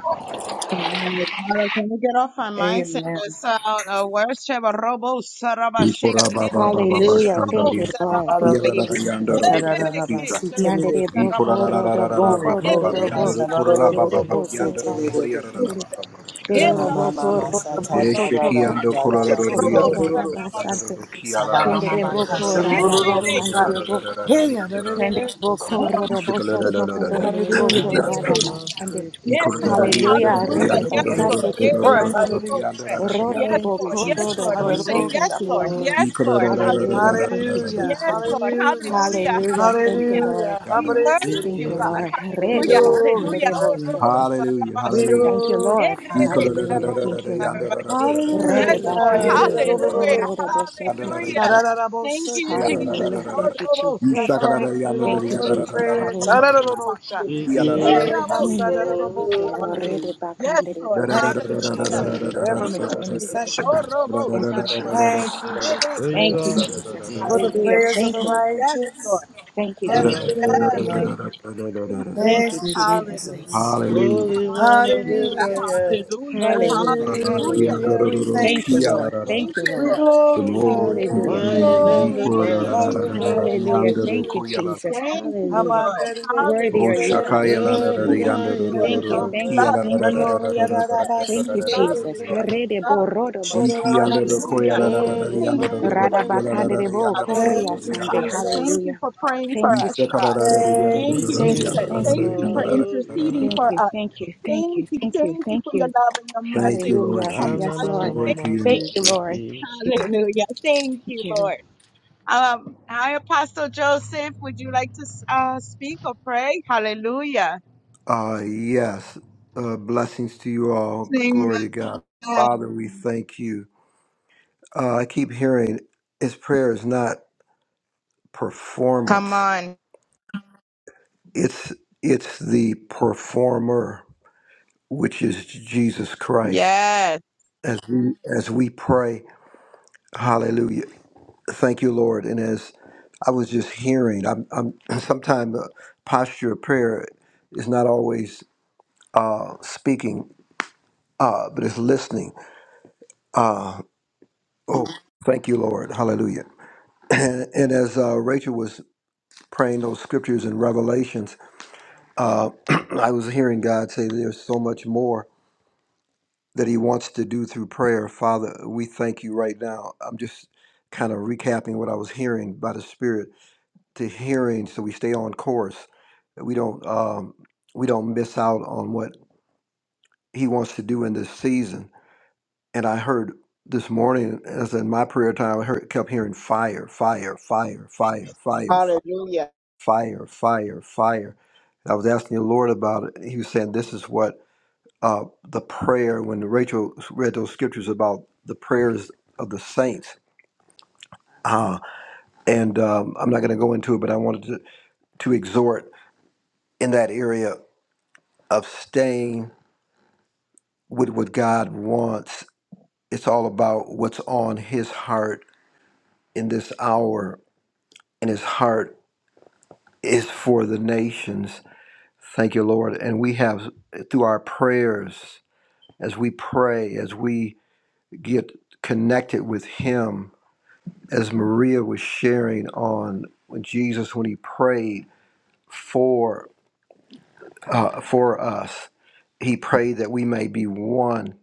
Heavenly Father, Can we get off our mics and Amen. let's out a worship a robo sarabashea Ikora baba baba rebekish Hallelujah. bashanda robo Thank you, riyandoro. Lord. Thank Yala you, sarabababayi. rara Jesus. yandoro roro kita. Rebekish robo Yandere Ikora boko rara rara rodo sarabababayi. rara Glory, boko baba glory. baba dororo bo. Rebekish yandoro kora rara baba Sakere baba Hashanarorororobo We boko yandoro kori setererebe. rara robo rara rada baba baba basha. Dororoboko sarabababayi. Namamamama Eshe ki rodobosotoko yando kora satatarararararaba. roro roro dororoboko Robo yandoro roro Sidororororoba. yandoro radabasante. roro ki yala rara sarabababayi. Sabamamama rara rara Tendereboko rara yandoro roro kasarorororoba. Yes, yandoro rara radabakandereboko. rara Hey, yandoro rara. yarararararaba. Tendereboko Sabamama. Ishe kala la la la rodobosotoko la la. Hallelujah. dororoboko We thank you. God. radabasande. Ikora Thank rara Lord. you. yandoro Hallelujah. roro Lord, for Hallelujah. Rede yandoro making Yes, roro Lord. basate intercession roro roro for Yes, us. roro kikiande de roro Hallelujah. yandoro rara yandoro Thank you, Lord. rodoboko Yes, roro roro Jesus. Lord. roro We roro. say give Hallelujah. rodobosoto you yes, Lord. kiande. Shabamamama. glory. Yes, Ikora Lord. rara rara Hallelujah. Hallelujah. rara Thank rara you, rara Hallelujah. Yes, Jesus. Lord. Hallelujah. Hallelujah. Hallelujah. Thank you, Hallelujah. Lord. Hallelujah. We rara. We worship Thank you, you, give Hallelujah. God. you Lord. We Rede Hallelujah. glory. Hallelujah. glorify Oh, you. Robo bakanderebosoto. Hallelujah, We Sarabashea. hallelujah. Thank you, Lord. glorify Thank Yerere you. Hallelujah. Sarobo Thank you, Lord. Sarabake. Rede Hallelujah. Yes, Lord. Magnify bakandere your name. boko Hallelujah. rode boso toki Hallelujah. Thank you, Sha-da-da-da-bo-sha-da-da-da. Jesus. Hallelujah. Oh, Thank you, Robo Jesus. We thank you, Sarabashea. Lord, Thank you, for Rere the Jesus. prayers. Sarabo Hallelujah. Sha-da-da-da-da-sha. Sarabake. We Yea, give Erabo you Mm. Serebe Thank you, Lord. ha-sa-da-da-da-bo-ko-ya-da-da. Sarabaye. glory. Rede Yes, bakandere Lord. boso Thank you, to. Hallelujah. Jesus, for Hallelujah. ever Thank Yes, you, making Lord. Thank you, Jesus. Lord. intercession. Oh, Robo Thank you, Sarabashea. Jesus. Thank you, Rere Jesus, For you Thank you, are a Jesus. King, for the Sarabo Hallelujah. prayers of Thank the you, Lord. Yes, righteous. Lord. Thank you, Yes, you are Jesus. our yes. Lord, Thank you, Hallelujah. Thank you, Lord. Lord. Thank you, Thank Lord. Thank you, you, Jesus. Hallelujah. Hallelujah. Jesus. Holy One of Thank you, Hallelujah. Lord. Hallelujah. Israel, Hallelujah. Hallelujah. you. Hallelujah. Hallelujah. Hallelujah. We thank Thank Thank you, you, Lord. Lord. Hallelujah. Thank Thank you, you, We Lord. Lord. Thank glorify you. you, Glory to Lord. Thank your We Hallelujah. you. Thank Lion you, name. We Lord. and the call it, Thank ah, da, you, Lamb. glorify da, da, you, da, da, Jesus. Lord. the Hallelujah. under the Thank you, Koya, la, la. Jesus. Thank Hallelujah. you, Hallelujah. Lord. Habakkuk, Worthy Oh, are you, Hallelujah. God. Shakaya, la, la, Thank You're the la, you. the Thank under you, the, Lion the, Lord. and Thank the, the, the you. Oh, we Thank Kia, you. Lamb. la, love la, you, la, Thank you. la, Lord Hano, la, Jesus. Thank la, We you, la, la, love la, Jesus. you, the Yarabasi, Lord. under, la, la, la, la, the We Harede love you, borodo Lord. Iki, bosante under kiandere Koya, Hallelujah. la, la, la, boko. You're la, the Shorabasi, the under, Thank the, you, Lion the, and Lord. Kia, la, the la, Thank la, Radabakandere Lamb. you, the bo under, Father. the, the, Thank koria Thank the, the, you, you, sande. la, Father. la, la. Jesus. Thank you Hallelujah. for praying for Thank you, us, Ishaka, la, God. la, la, Jesus. the under, Thank the, the, the, the you, la, Yandere Thank We ro you, ro ro. Jesus. Thank you. give Yandere la, Jesus. you la, Thank la, you. Thank you for Thank Yandere you. la, la, la, interceding la, glory. la, Thank for you. la. us. Thank you. Thank Thank you. you. Thank you. Thank you Thank for your you. love and your Thank mercy, you, for your Lord Hallelujah. Yes, Jesus. Lord. compassion. Glory to Ra-na-na-na-ma-ma, Thank you. you. Thank you, Lord. Siddiqui. Thank you. Hallelujah. Thank you, Thank you. Lord. Um, hi, Apostle Joseph. Would you like to uh, speak or pray? Hallelujah. Uh, yes. Uh, blessings to you all. Amen. Glory to God. Father, we thank you. uh, I keep hearing his prayer is not Come performance. on. It's it's the performer, which is Jesus Christ. Yes. As we as we pray, Hallelujah. Thank you, Lord. And as I was just hearing, I'm, I'm sometimes the posture of prayer is not always uh, speaking, uh, but it's listening. Uh, oh, thank you, Lord. Hallelujah. And, and as uh, Rachel was praying those scriptures in Revelations, Uh, I was hearing God say there's so much more that He wants to do through prayer. Father, we thank you right now. I'm just kind of recapping what I was hearing by the Spirit to hearing, so we stay on course. that We don't um, we don't miss out on what He wants to do in this season. And I heard this morning, as in my prayer time, I heard, kept hearing fire, fire, fire, fire, fire, fire, fire, fire, fire. And I was asking the Lord about it. He was saying, "This is what." uh, the prayer when Rachel read those scriptures about the prayers of the saints. Uh, and um, I'm not going to go into it, but I wanted to, to exhort in that area of staying with what God wants. It's all about what's on His heart in this hour, and His heart is for the nations. Thank you, Lord. And we have, through our prayers, as we pray, as we get connected with Him, as Maria was sharing on when Jesus, when he prayed for uh, for us, he prayed that we may be one,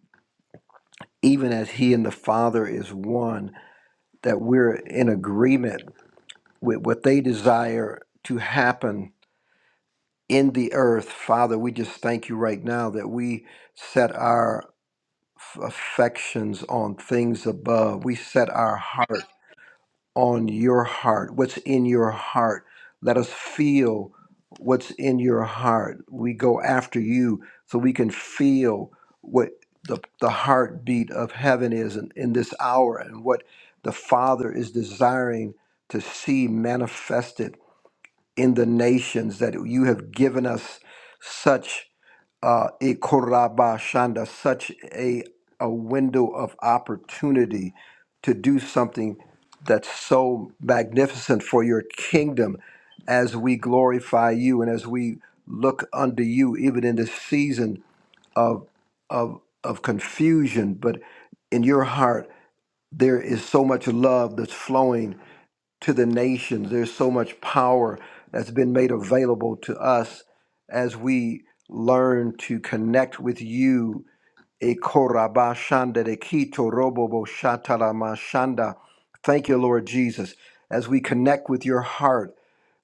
even as he and the Father is one. That we're in agreement with what they desire to happen in the earth. Father, we just thank you right now that we set our affections on things above. We set our heart on your heart, what's in your heart. Let us feel what's in your heart. We go after you so we can feel what the, the heartbeat of heaven is in, in this hour and what the Father is desiring to see manifested in the nations that you have given us such uh, Ikoraba Shanda, such a, a window of opportunity to do something that's so magnificent for your kingdom as we glorify you and as we look unto you, even in this season of, of, of confusion. But in your heart, there is so much love that's flowing to the nations. There's so much power that's been made available to us as we learn to connect with you. Ekorabashanda de robobo shatalama shanda. Thank you, Lord Jesus, as we connect with your heart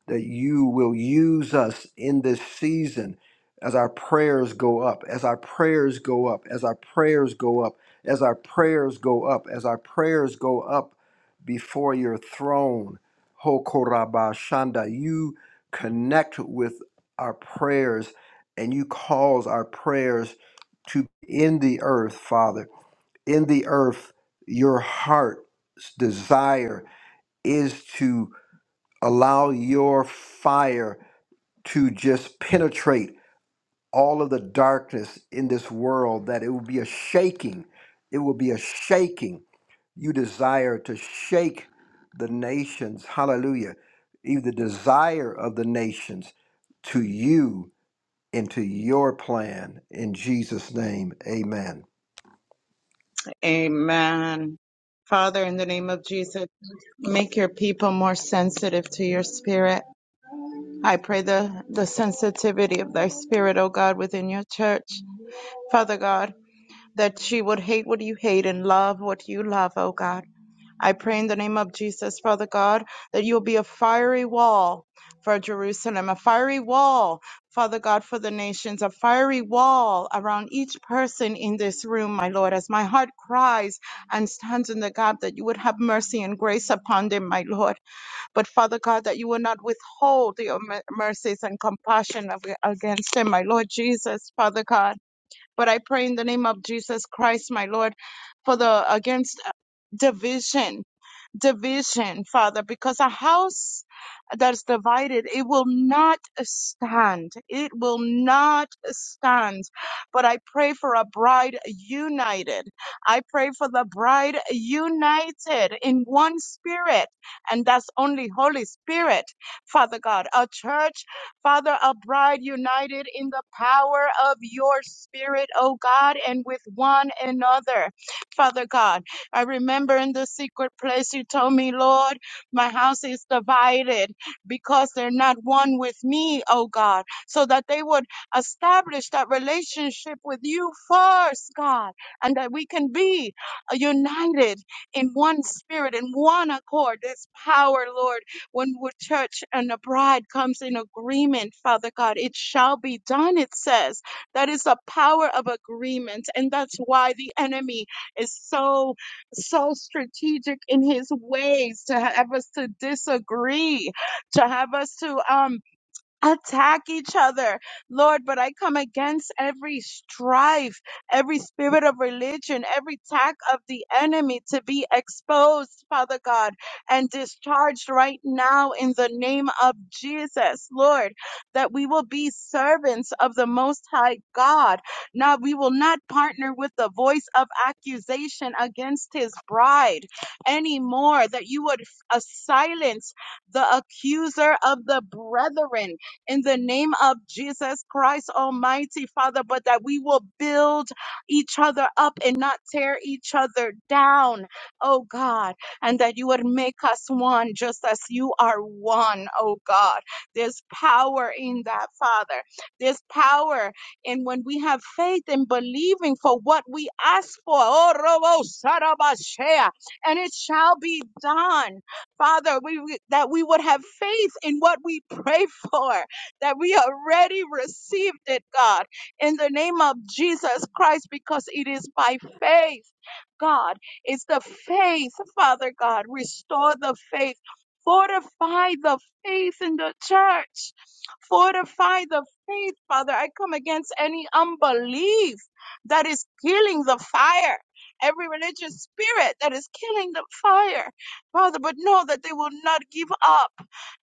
that you will use us in this season as our prayers go up, as our prayers go up, as our prayers go up, as our prayers go up, as our prayers go up before your throne. Hokoraba Shanda, you connect with our prayers and you cause our prayers to in the earth, Father. In the earth, your heart's desire is to allow your fire to just penetrate all of the darkness in this world, that it will be a shaking. It will be a shaking. You desire to shake the nations. Hallelujah. Even the desire of the nations to you and to your plan. In Jesus' name, amen. Amen. Father, in the name of Jesus, make your people more sensitive to your spirit. I pray the, the sensitivity of thy spirit, O God, within your church. Father God, that she would hate what you hate and love what you love, oh God. I pray in the name of the against division division, Father, because a house that's divided, it will not stand. It will not stand. But I pray for a bride united. I pray for the bride united in one spirit, and that's only Holy Spirit, Father God. A church, Father, a bride united in the power of your spirit, oh God, and with one another, Father God. I remember in the secret place you told me, Lord, my house is divided because they're not one with me, oh God, so that they would establish that relationship with you first, God, and that we can be uh, united in one spirit, in one accord. This power, Lord, when the church and the bride comes in agreement, Father God, it shall be done, it says. That is the power of agreement. And that's why the enemy is so so strategic in his ways to have us to disagree, to have us to um attack each other, Lord. But I come against every strife, every spirit of religion, every attack of the enemy to be exposed, Father God, and discharged right now in the name of Jesus, Lord, that we will be servants of the Most High God. Now we will not partner with the voice of accusation against his bride anymore, that you would uh, silence the accuser of the brethren in the name of Jesus Christ Almighty, Father, but that we will build each other up and not tear each other down, oh God, and that you would make us one just as you are one, oh God. There's power in that, Father. There's power in when we have faith and believing for what we ask for. Oh, Robo Sarabashea, and it shall be done. Father, we, we- that we would have faith in what we pray for that we already received it, God, in the name of Jesus Christ, because it is by faith. God, it's the faith, Father God. Restore the faith, fortify the faith in the church Fortify the faith, Father. I come against any unbelief that is killing the fire. Every religious spirit that is killing the fire, Father, but know that they will not give up.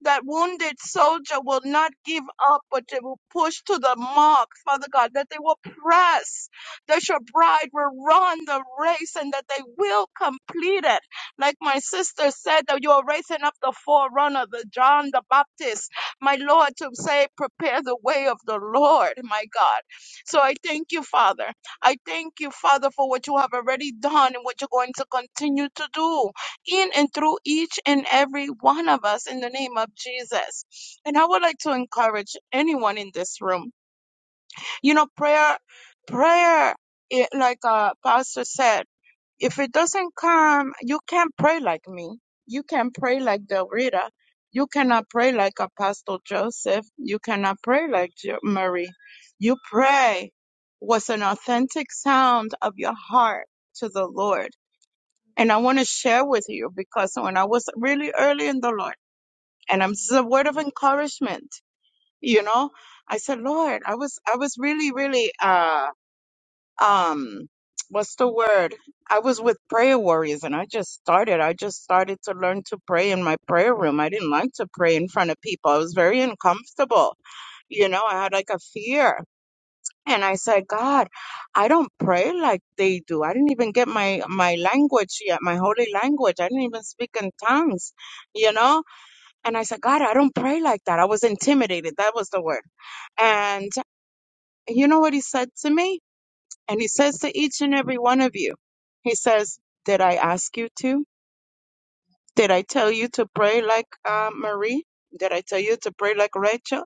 That wounded soldier will not give up, but they will push to the mark, Father God, that they will press, that your bride will run the race and that they will complete it like my sister said, that you are raising up the forerunner, the John the Baptist my Lord, to say, prepare the way of the Lord, my God. So I thank you, Father. I thank you, Father, for what you have already done and what you're going to continue to do in and through each and every one of us in the name of Jesus. And I would like to encourage anyone in this room. You know, prayer, prayer, it, like uh, Pastor said. If it doesn't come, you can't pray like me. You can pray like Del Rita. You cannot pray like Apostle Joseph. You cannot pray like Jo- Marie. You pray what's an authentic sound of your heart to the Lord. And I want to share with you because when I was really early in the Lord, and I'm, this is a word of encouragement, you know, I saw um, fear, and I said, I don't I didn't even, even sing tongues. No, And I said, God, I don't pray like that. I was intimidated. That was the word. And you know what he said to me? And he says to each and every one of you, he says, Did I ask you to? Did I tell you to pray like uh, Marie? Did I tell you to pray like Rachel?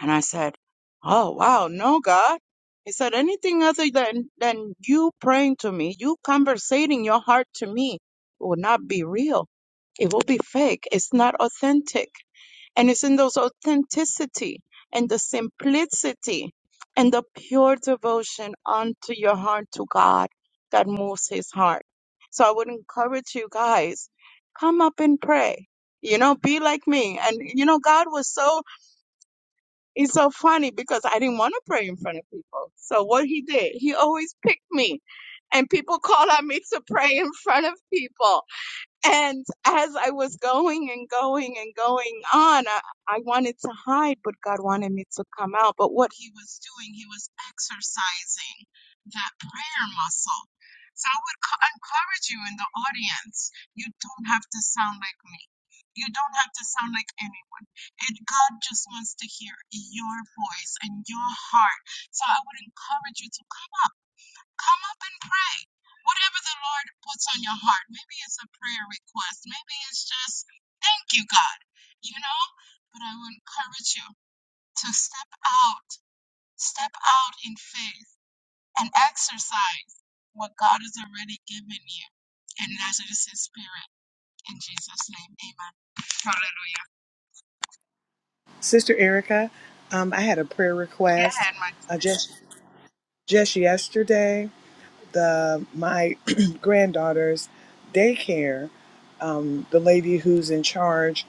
And I said, Oh, wow, no, God. He said, Anything other than, than you praying to me, you conversating your heart to me, will not be real. It will be fake. It's not authentic And it's in those authenticity and the simplicity and the pure devotion unto your heart to God that moves his heart. So I would encourage you guys, come up and pray. You know, be like me. And you know, God was so he's so funny because I didn't want to pray in front of people. So what he did, he always picked me. And people call on me to pray in front of people. And as I was going and going and going on, I, I wanted to hide, but God wanted me to come out. But what he was doing, he was exercising that prayer muscle. So I would co- encourage you in the audience you don't have to sound like me. You don't have to sound like anyone. And God just wants to hear your voice and your heart. So I would encourage you to come out come up and pray. Whatever the Lord puts on your heart, maybe it's a prayer request, maybe it's just, thank you, God, you know? But I would encourage you to step out, step out in faith and exercise what God has already given you. And that is His Spirit. In Jesus' name, amen. Hallelujah. Sister Erica, um, I had a prayer request uh, just just yesterday. The my granddaughter's daycare, um, the lady who's in charge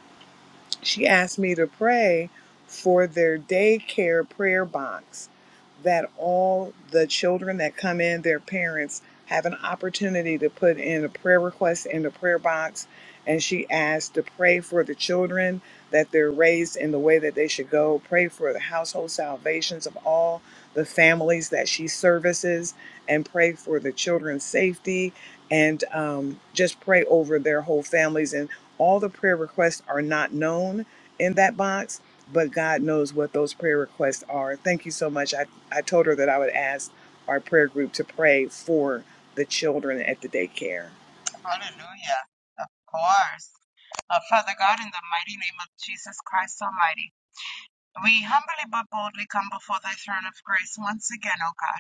she asked me to pray for their daycare prayer box that all the children that come in, their parents have an opportunity to put in a prayer request in the prayer box. And she asked to pray for the children that they're raised in the way that they should go, pray for the household salvations of all the families that she services, and pray for the children's safety and um, just pray over their whole families. And all the prayer requests are not known in that box, but God knows what those prayer requests are. Thank you so much. I, I told her that I would ask our prayer group to pray for the children at the daycare. Yeah. Uh, uh, Father God, in the mighty name of Jesus Christ Almighty, we humbly but boldly come before thy throne of grace once again, O God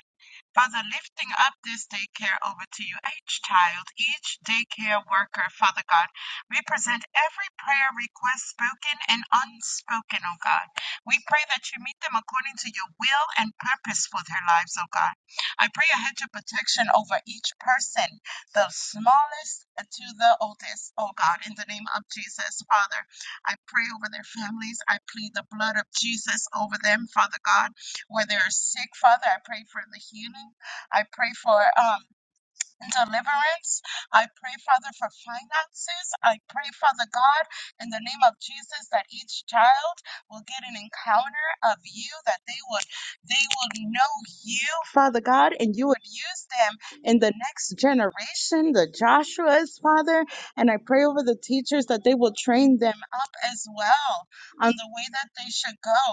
Father, lifting up this daycare over to you, each child, each daycare worker, Father God, we present every prayer request spoken and unspoken, oh God. We pray that you meet them according to your will and purpose for their lives, oh God. I pray a hedge of protection over each person, the smallest to the oldest, oh God, in the name of Jesus, Father. I pray over their families. I plead the blood of Jesus over them, Father God where they're sick, Father. I pray for the healing. I pray for um, deliverance. I pray, Father, for finances. I pray, Father God, in the name of Jesus, that each child will get an encounter of you, that they would they would know you, Father God, and you would use them in the next generation, the Joshua's Father. And I pray over the teachers that they will train them up as well on the way that they should go,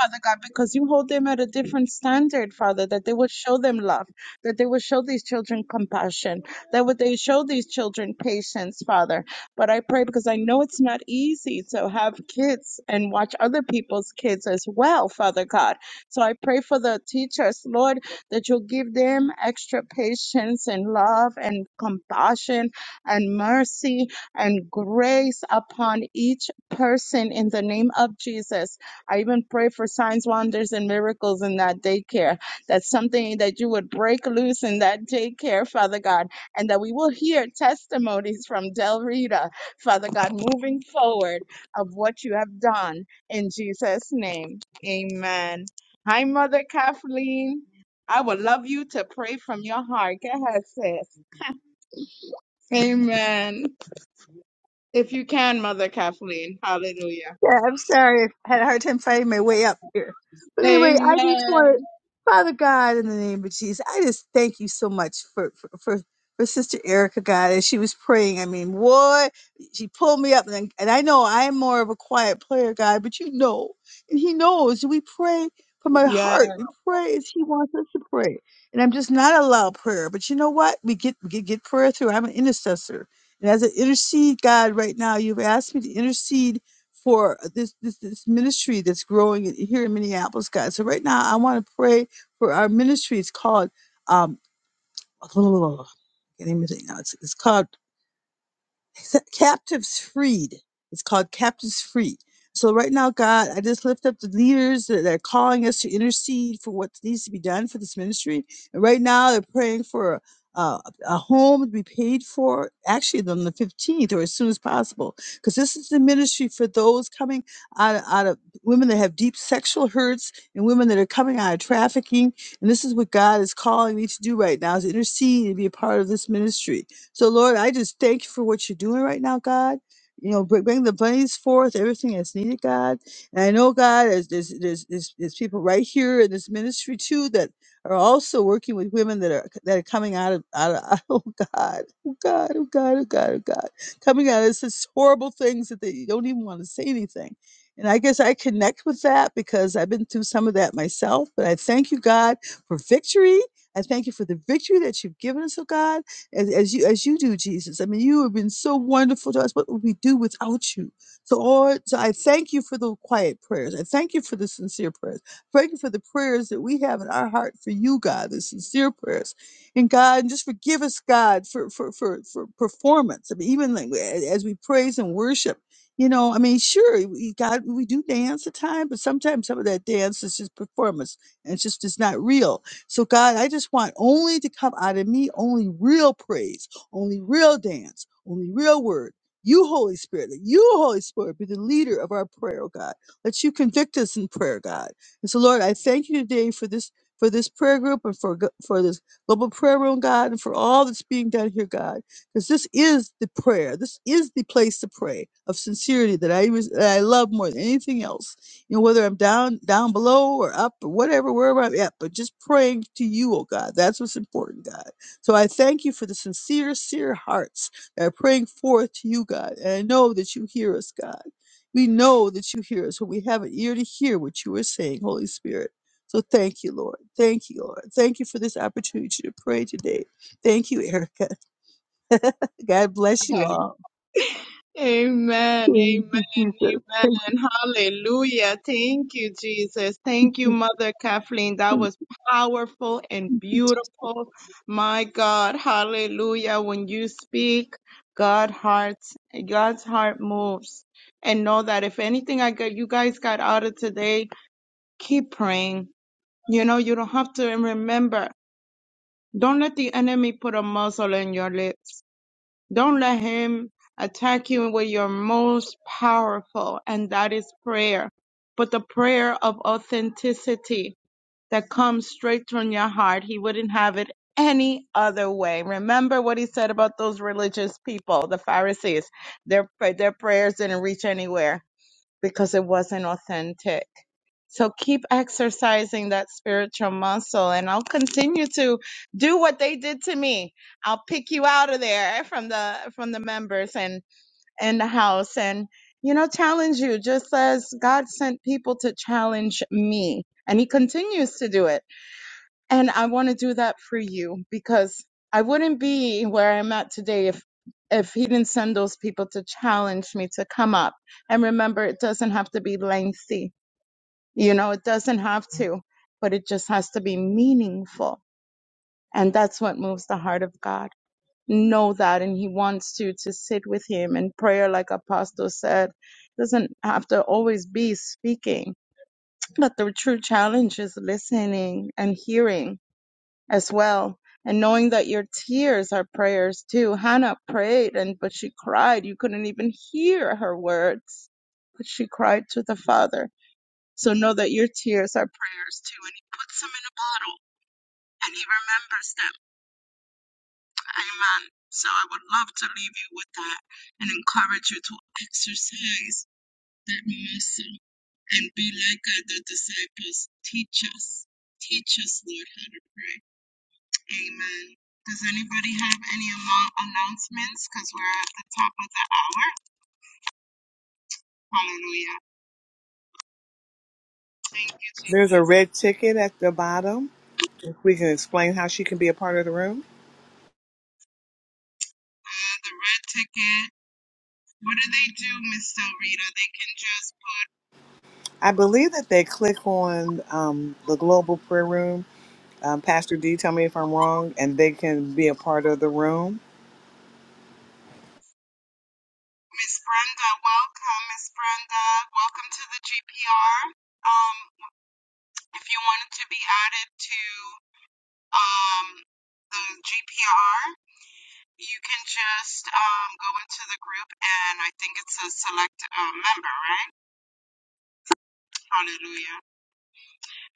Father God, because you hold them at a different standard, Father, that they would show them love that they would show these children compassion, that would they show these children patience, Father. But I pray because I know it's not easy to have kids and watch other people's kids as well, Father God. So I pray for the teachers, Lord, that you'll give them extra patience and love and compassion and mercy and grace upon each person in the name of Jesus. I even pray for signs, wonders, and miracles in that daycare that's something that you would break loose in that daycare, Father God, and that we will hear testimonies from Del Rita, Father God, moving forward of what you have done in Jesus' name. Amen. Hi, Mother Kathleen. I would love you to pray from your heart. Go ahead, sis. Amen. If you can, Mother Kathleen. Hallelujah. Yeah, I'm sorry. I had a hard time finding my way up here. But anyway, I just Amen. want to, Father God, in the name of Jesus, I just thank you so much for for for, for Sister Erica, God, as she was praying. I mean, what she pulled me up, and, and I know I'm more of a quiet player, God, but you know, and He knows. We pray from our Yeah. heart. We pray as He wants us to pray, and I'm just not a loud prayer. But you know what? We get we get, get prayer through. I'm an intercessor, and as an intercede, God, right now, you've asked me to intercede for this, this this ministry that's growing in- here in Minneapolis, guys. So right now, I want to pray for our ministry. It's called um, I can't even think now. It's, it's called captives freed. It's called Captives Free. So right now, God, I just lift up the leaders that are calling us to intercede for what needs to be done for this ministry. And right now, they're praying for uh, a home to be paid for, actually on the 15th or as soon as possible, because this is the ministry for those coming out, out of women that have deep sexual hurts and women that are coming out of trafficking. And this is what God is calling me to do right now: is intercede and be a part of this ministry. So, Lord, I just thank you for what you're doing right now, God. You know, bring, bring the bunnies forth, everything that's needed, God. And I know, God, as there's, there's, there's, there's people right here in this ministry too that are also working with women that are that are coming out of out of oh God, oh God, oh God, oh God, oh God, coming out of such horrible things that they don't even want to say anything. And I guess I connect with that because I've been through some of that myself. But I thank you, God, for victory. I thank you for the victory that you've given us, oh God as, as you as you do, Jesus. I mean, you have been so wonderful to us. What would we do without you? So, Lord, so I thank you for the quiet prayers. I thank you for the sincere prayers. Thank you for the prayers that we have in our heart for you, God, the sincere prayers. And God, and just forgive us, God, for for for, for performance. I mean, even like a- as we praise and worship. You know, I mean, sure, we, God, we do dance at times, but sometimes some of that dance is just performance and it's just it's not real so, God, I just want only to come out of me only real praise, only real dance, only real word. You, Holy Spirit, let you, Holy Spirit, be the leader of our prayer, oh God. Let you convict us in prayer, God. And so, Lord, I thank you today for this for this prayer group and for go- for this global prayer room, God, and for all that's being done here, God. Because this is the prayer. This is the place to pray of sincerity that I was, that I love more than anything else you know, whether I'm down, down below or up or whatever, wherever I'm at, but just praying to you, oh God. That's what's important, God. So I thank you for the sincere, sincere hearts that are praying forth to you, God. And I know that you hear us, God. We know that you hear us when we have an ear to hear what you are saying, Holy Spirit. So thank you, Lord. Thank you, Lord. Thank you for this opportunity to pray today. Thank you, Erica. God bless you all. Amen. Thank Amen. you, Jesus. Thank Amen. Hallelujah. Thank you, Jesus. Thank you, you. Mother Kathleen. That was powerful and beautiful. My God. Hallelujah. When you speak, God hearts, God's heart moves. And know that if anything I got you guys got out of today, keep praying. You know, you don't have to remember. Don't let the enemy put a muzzle in your lips. Don't let him attack you with your most powerful, and that is prayer. But the prayer of authenticity that comes straight from your heart, he wouldn't have it any other way. Remember what he said about those religious people, the Pharisees. Their, their prayers didn't reach anywhere because it wasn't authentic. So keep exercising that spiritual muscle, and I'll continue to do what they did to me. I'll pick you out of there from the from the members and and the house, and you know, challenge you just as God sent people to challenge me, and He continues to do it. And I want to do that for you because I wouldn't be where I'm at today if if He didn't send those people to challenge me to come up. And remember, it doesn't have to be lengthy you know, it doesn't have to, but it just has to be meaningful. And that's what moves the heart of God. Know that. And He wants you to sit with Him in prayer, like Apostle said. Doesn't have to always be speaking, but the true challenge is listening and hearing as well. And knowing that your tears are prayers too. Hannah prayed and, but she cried. You couldn't even hear her words, but she cried to the Father. So Hallelujah. There's a red ticket at the bottom. If we can explain how she can be a part of the room. The red ticket What do they do, Miss Del Rita? They can just I believe that they click on um, the global prayer room. Um, Pastor D, tell me if I'm wrong, and they can be a part of the room. Miss Brenda, welcome, Miss Brenda, welcome to the GPR. Um, if you wanted to be added to um the GPR, you can just um go into the group and I think it says select a member, right? Hallelujah.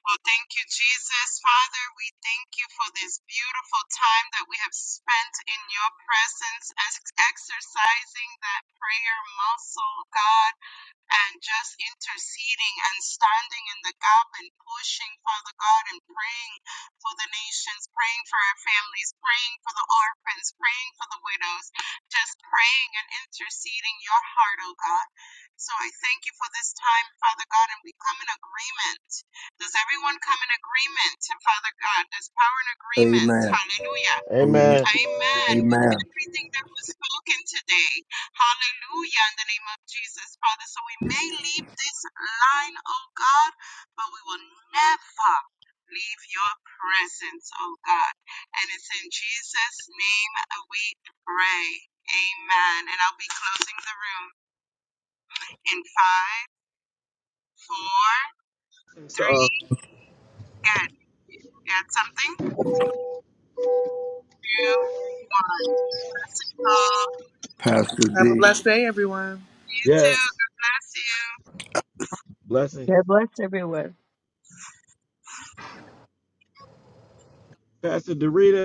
Well, thank you, Jesus. Father, we thank you for this beautiful time that we have spent in your presence, as exercising that prayer muscle, God and just interceding and standing in the gap and pushing, Father God, and praying for the nations, praying for our families, praying for the orphans, praying for the widows, just praying and interceding your heart, oh God. So I thank you for this time, Father God, and we come in agreement. Does everyone come in agreement, Father God? There's power in agreement. Amen. Hallelujah Amen. Amen. Amen. With Amen. everything that was spoken today. Hallelujah. In the name of Jesus, Father. So we may leave this line, oh God, but we will never leave your presence, oh God. And it's in Jesus' name we pray. Amen. And I'll be closing the room in five, four, So three, and you had something? Two, one. That's it. Oh, Pastor Have a D. blessed day, everyone. you too. yes, God bless you. blessing. God bless everyone. Pastor Dorita.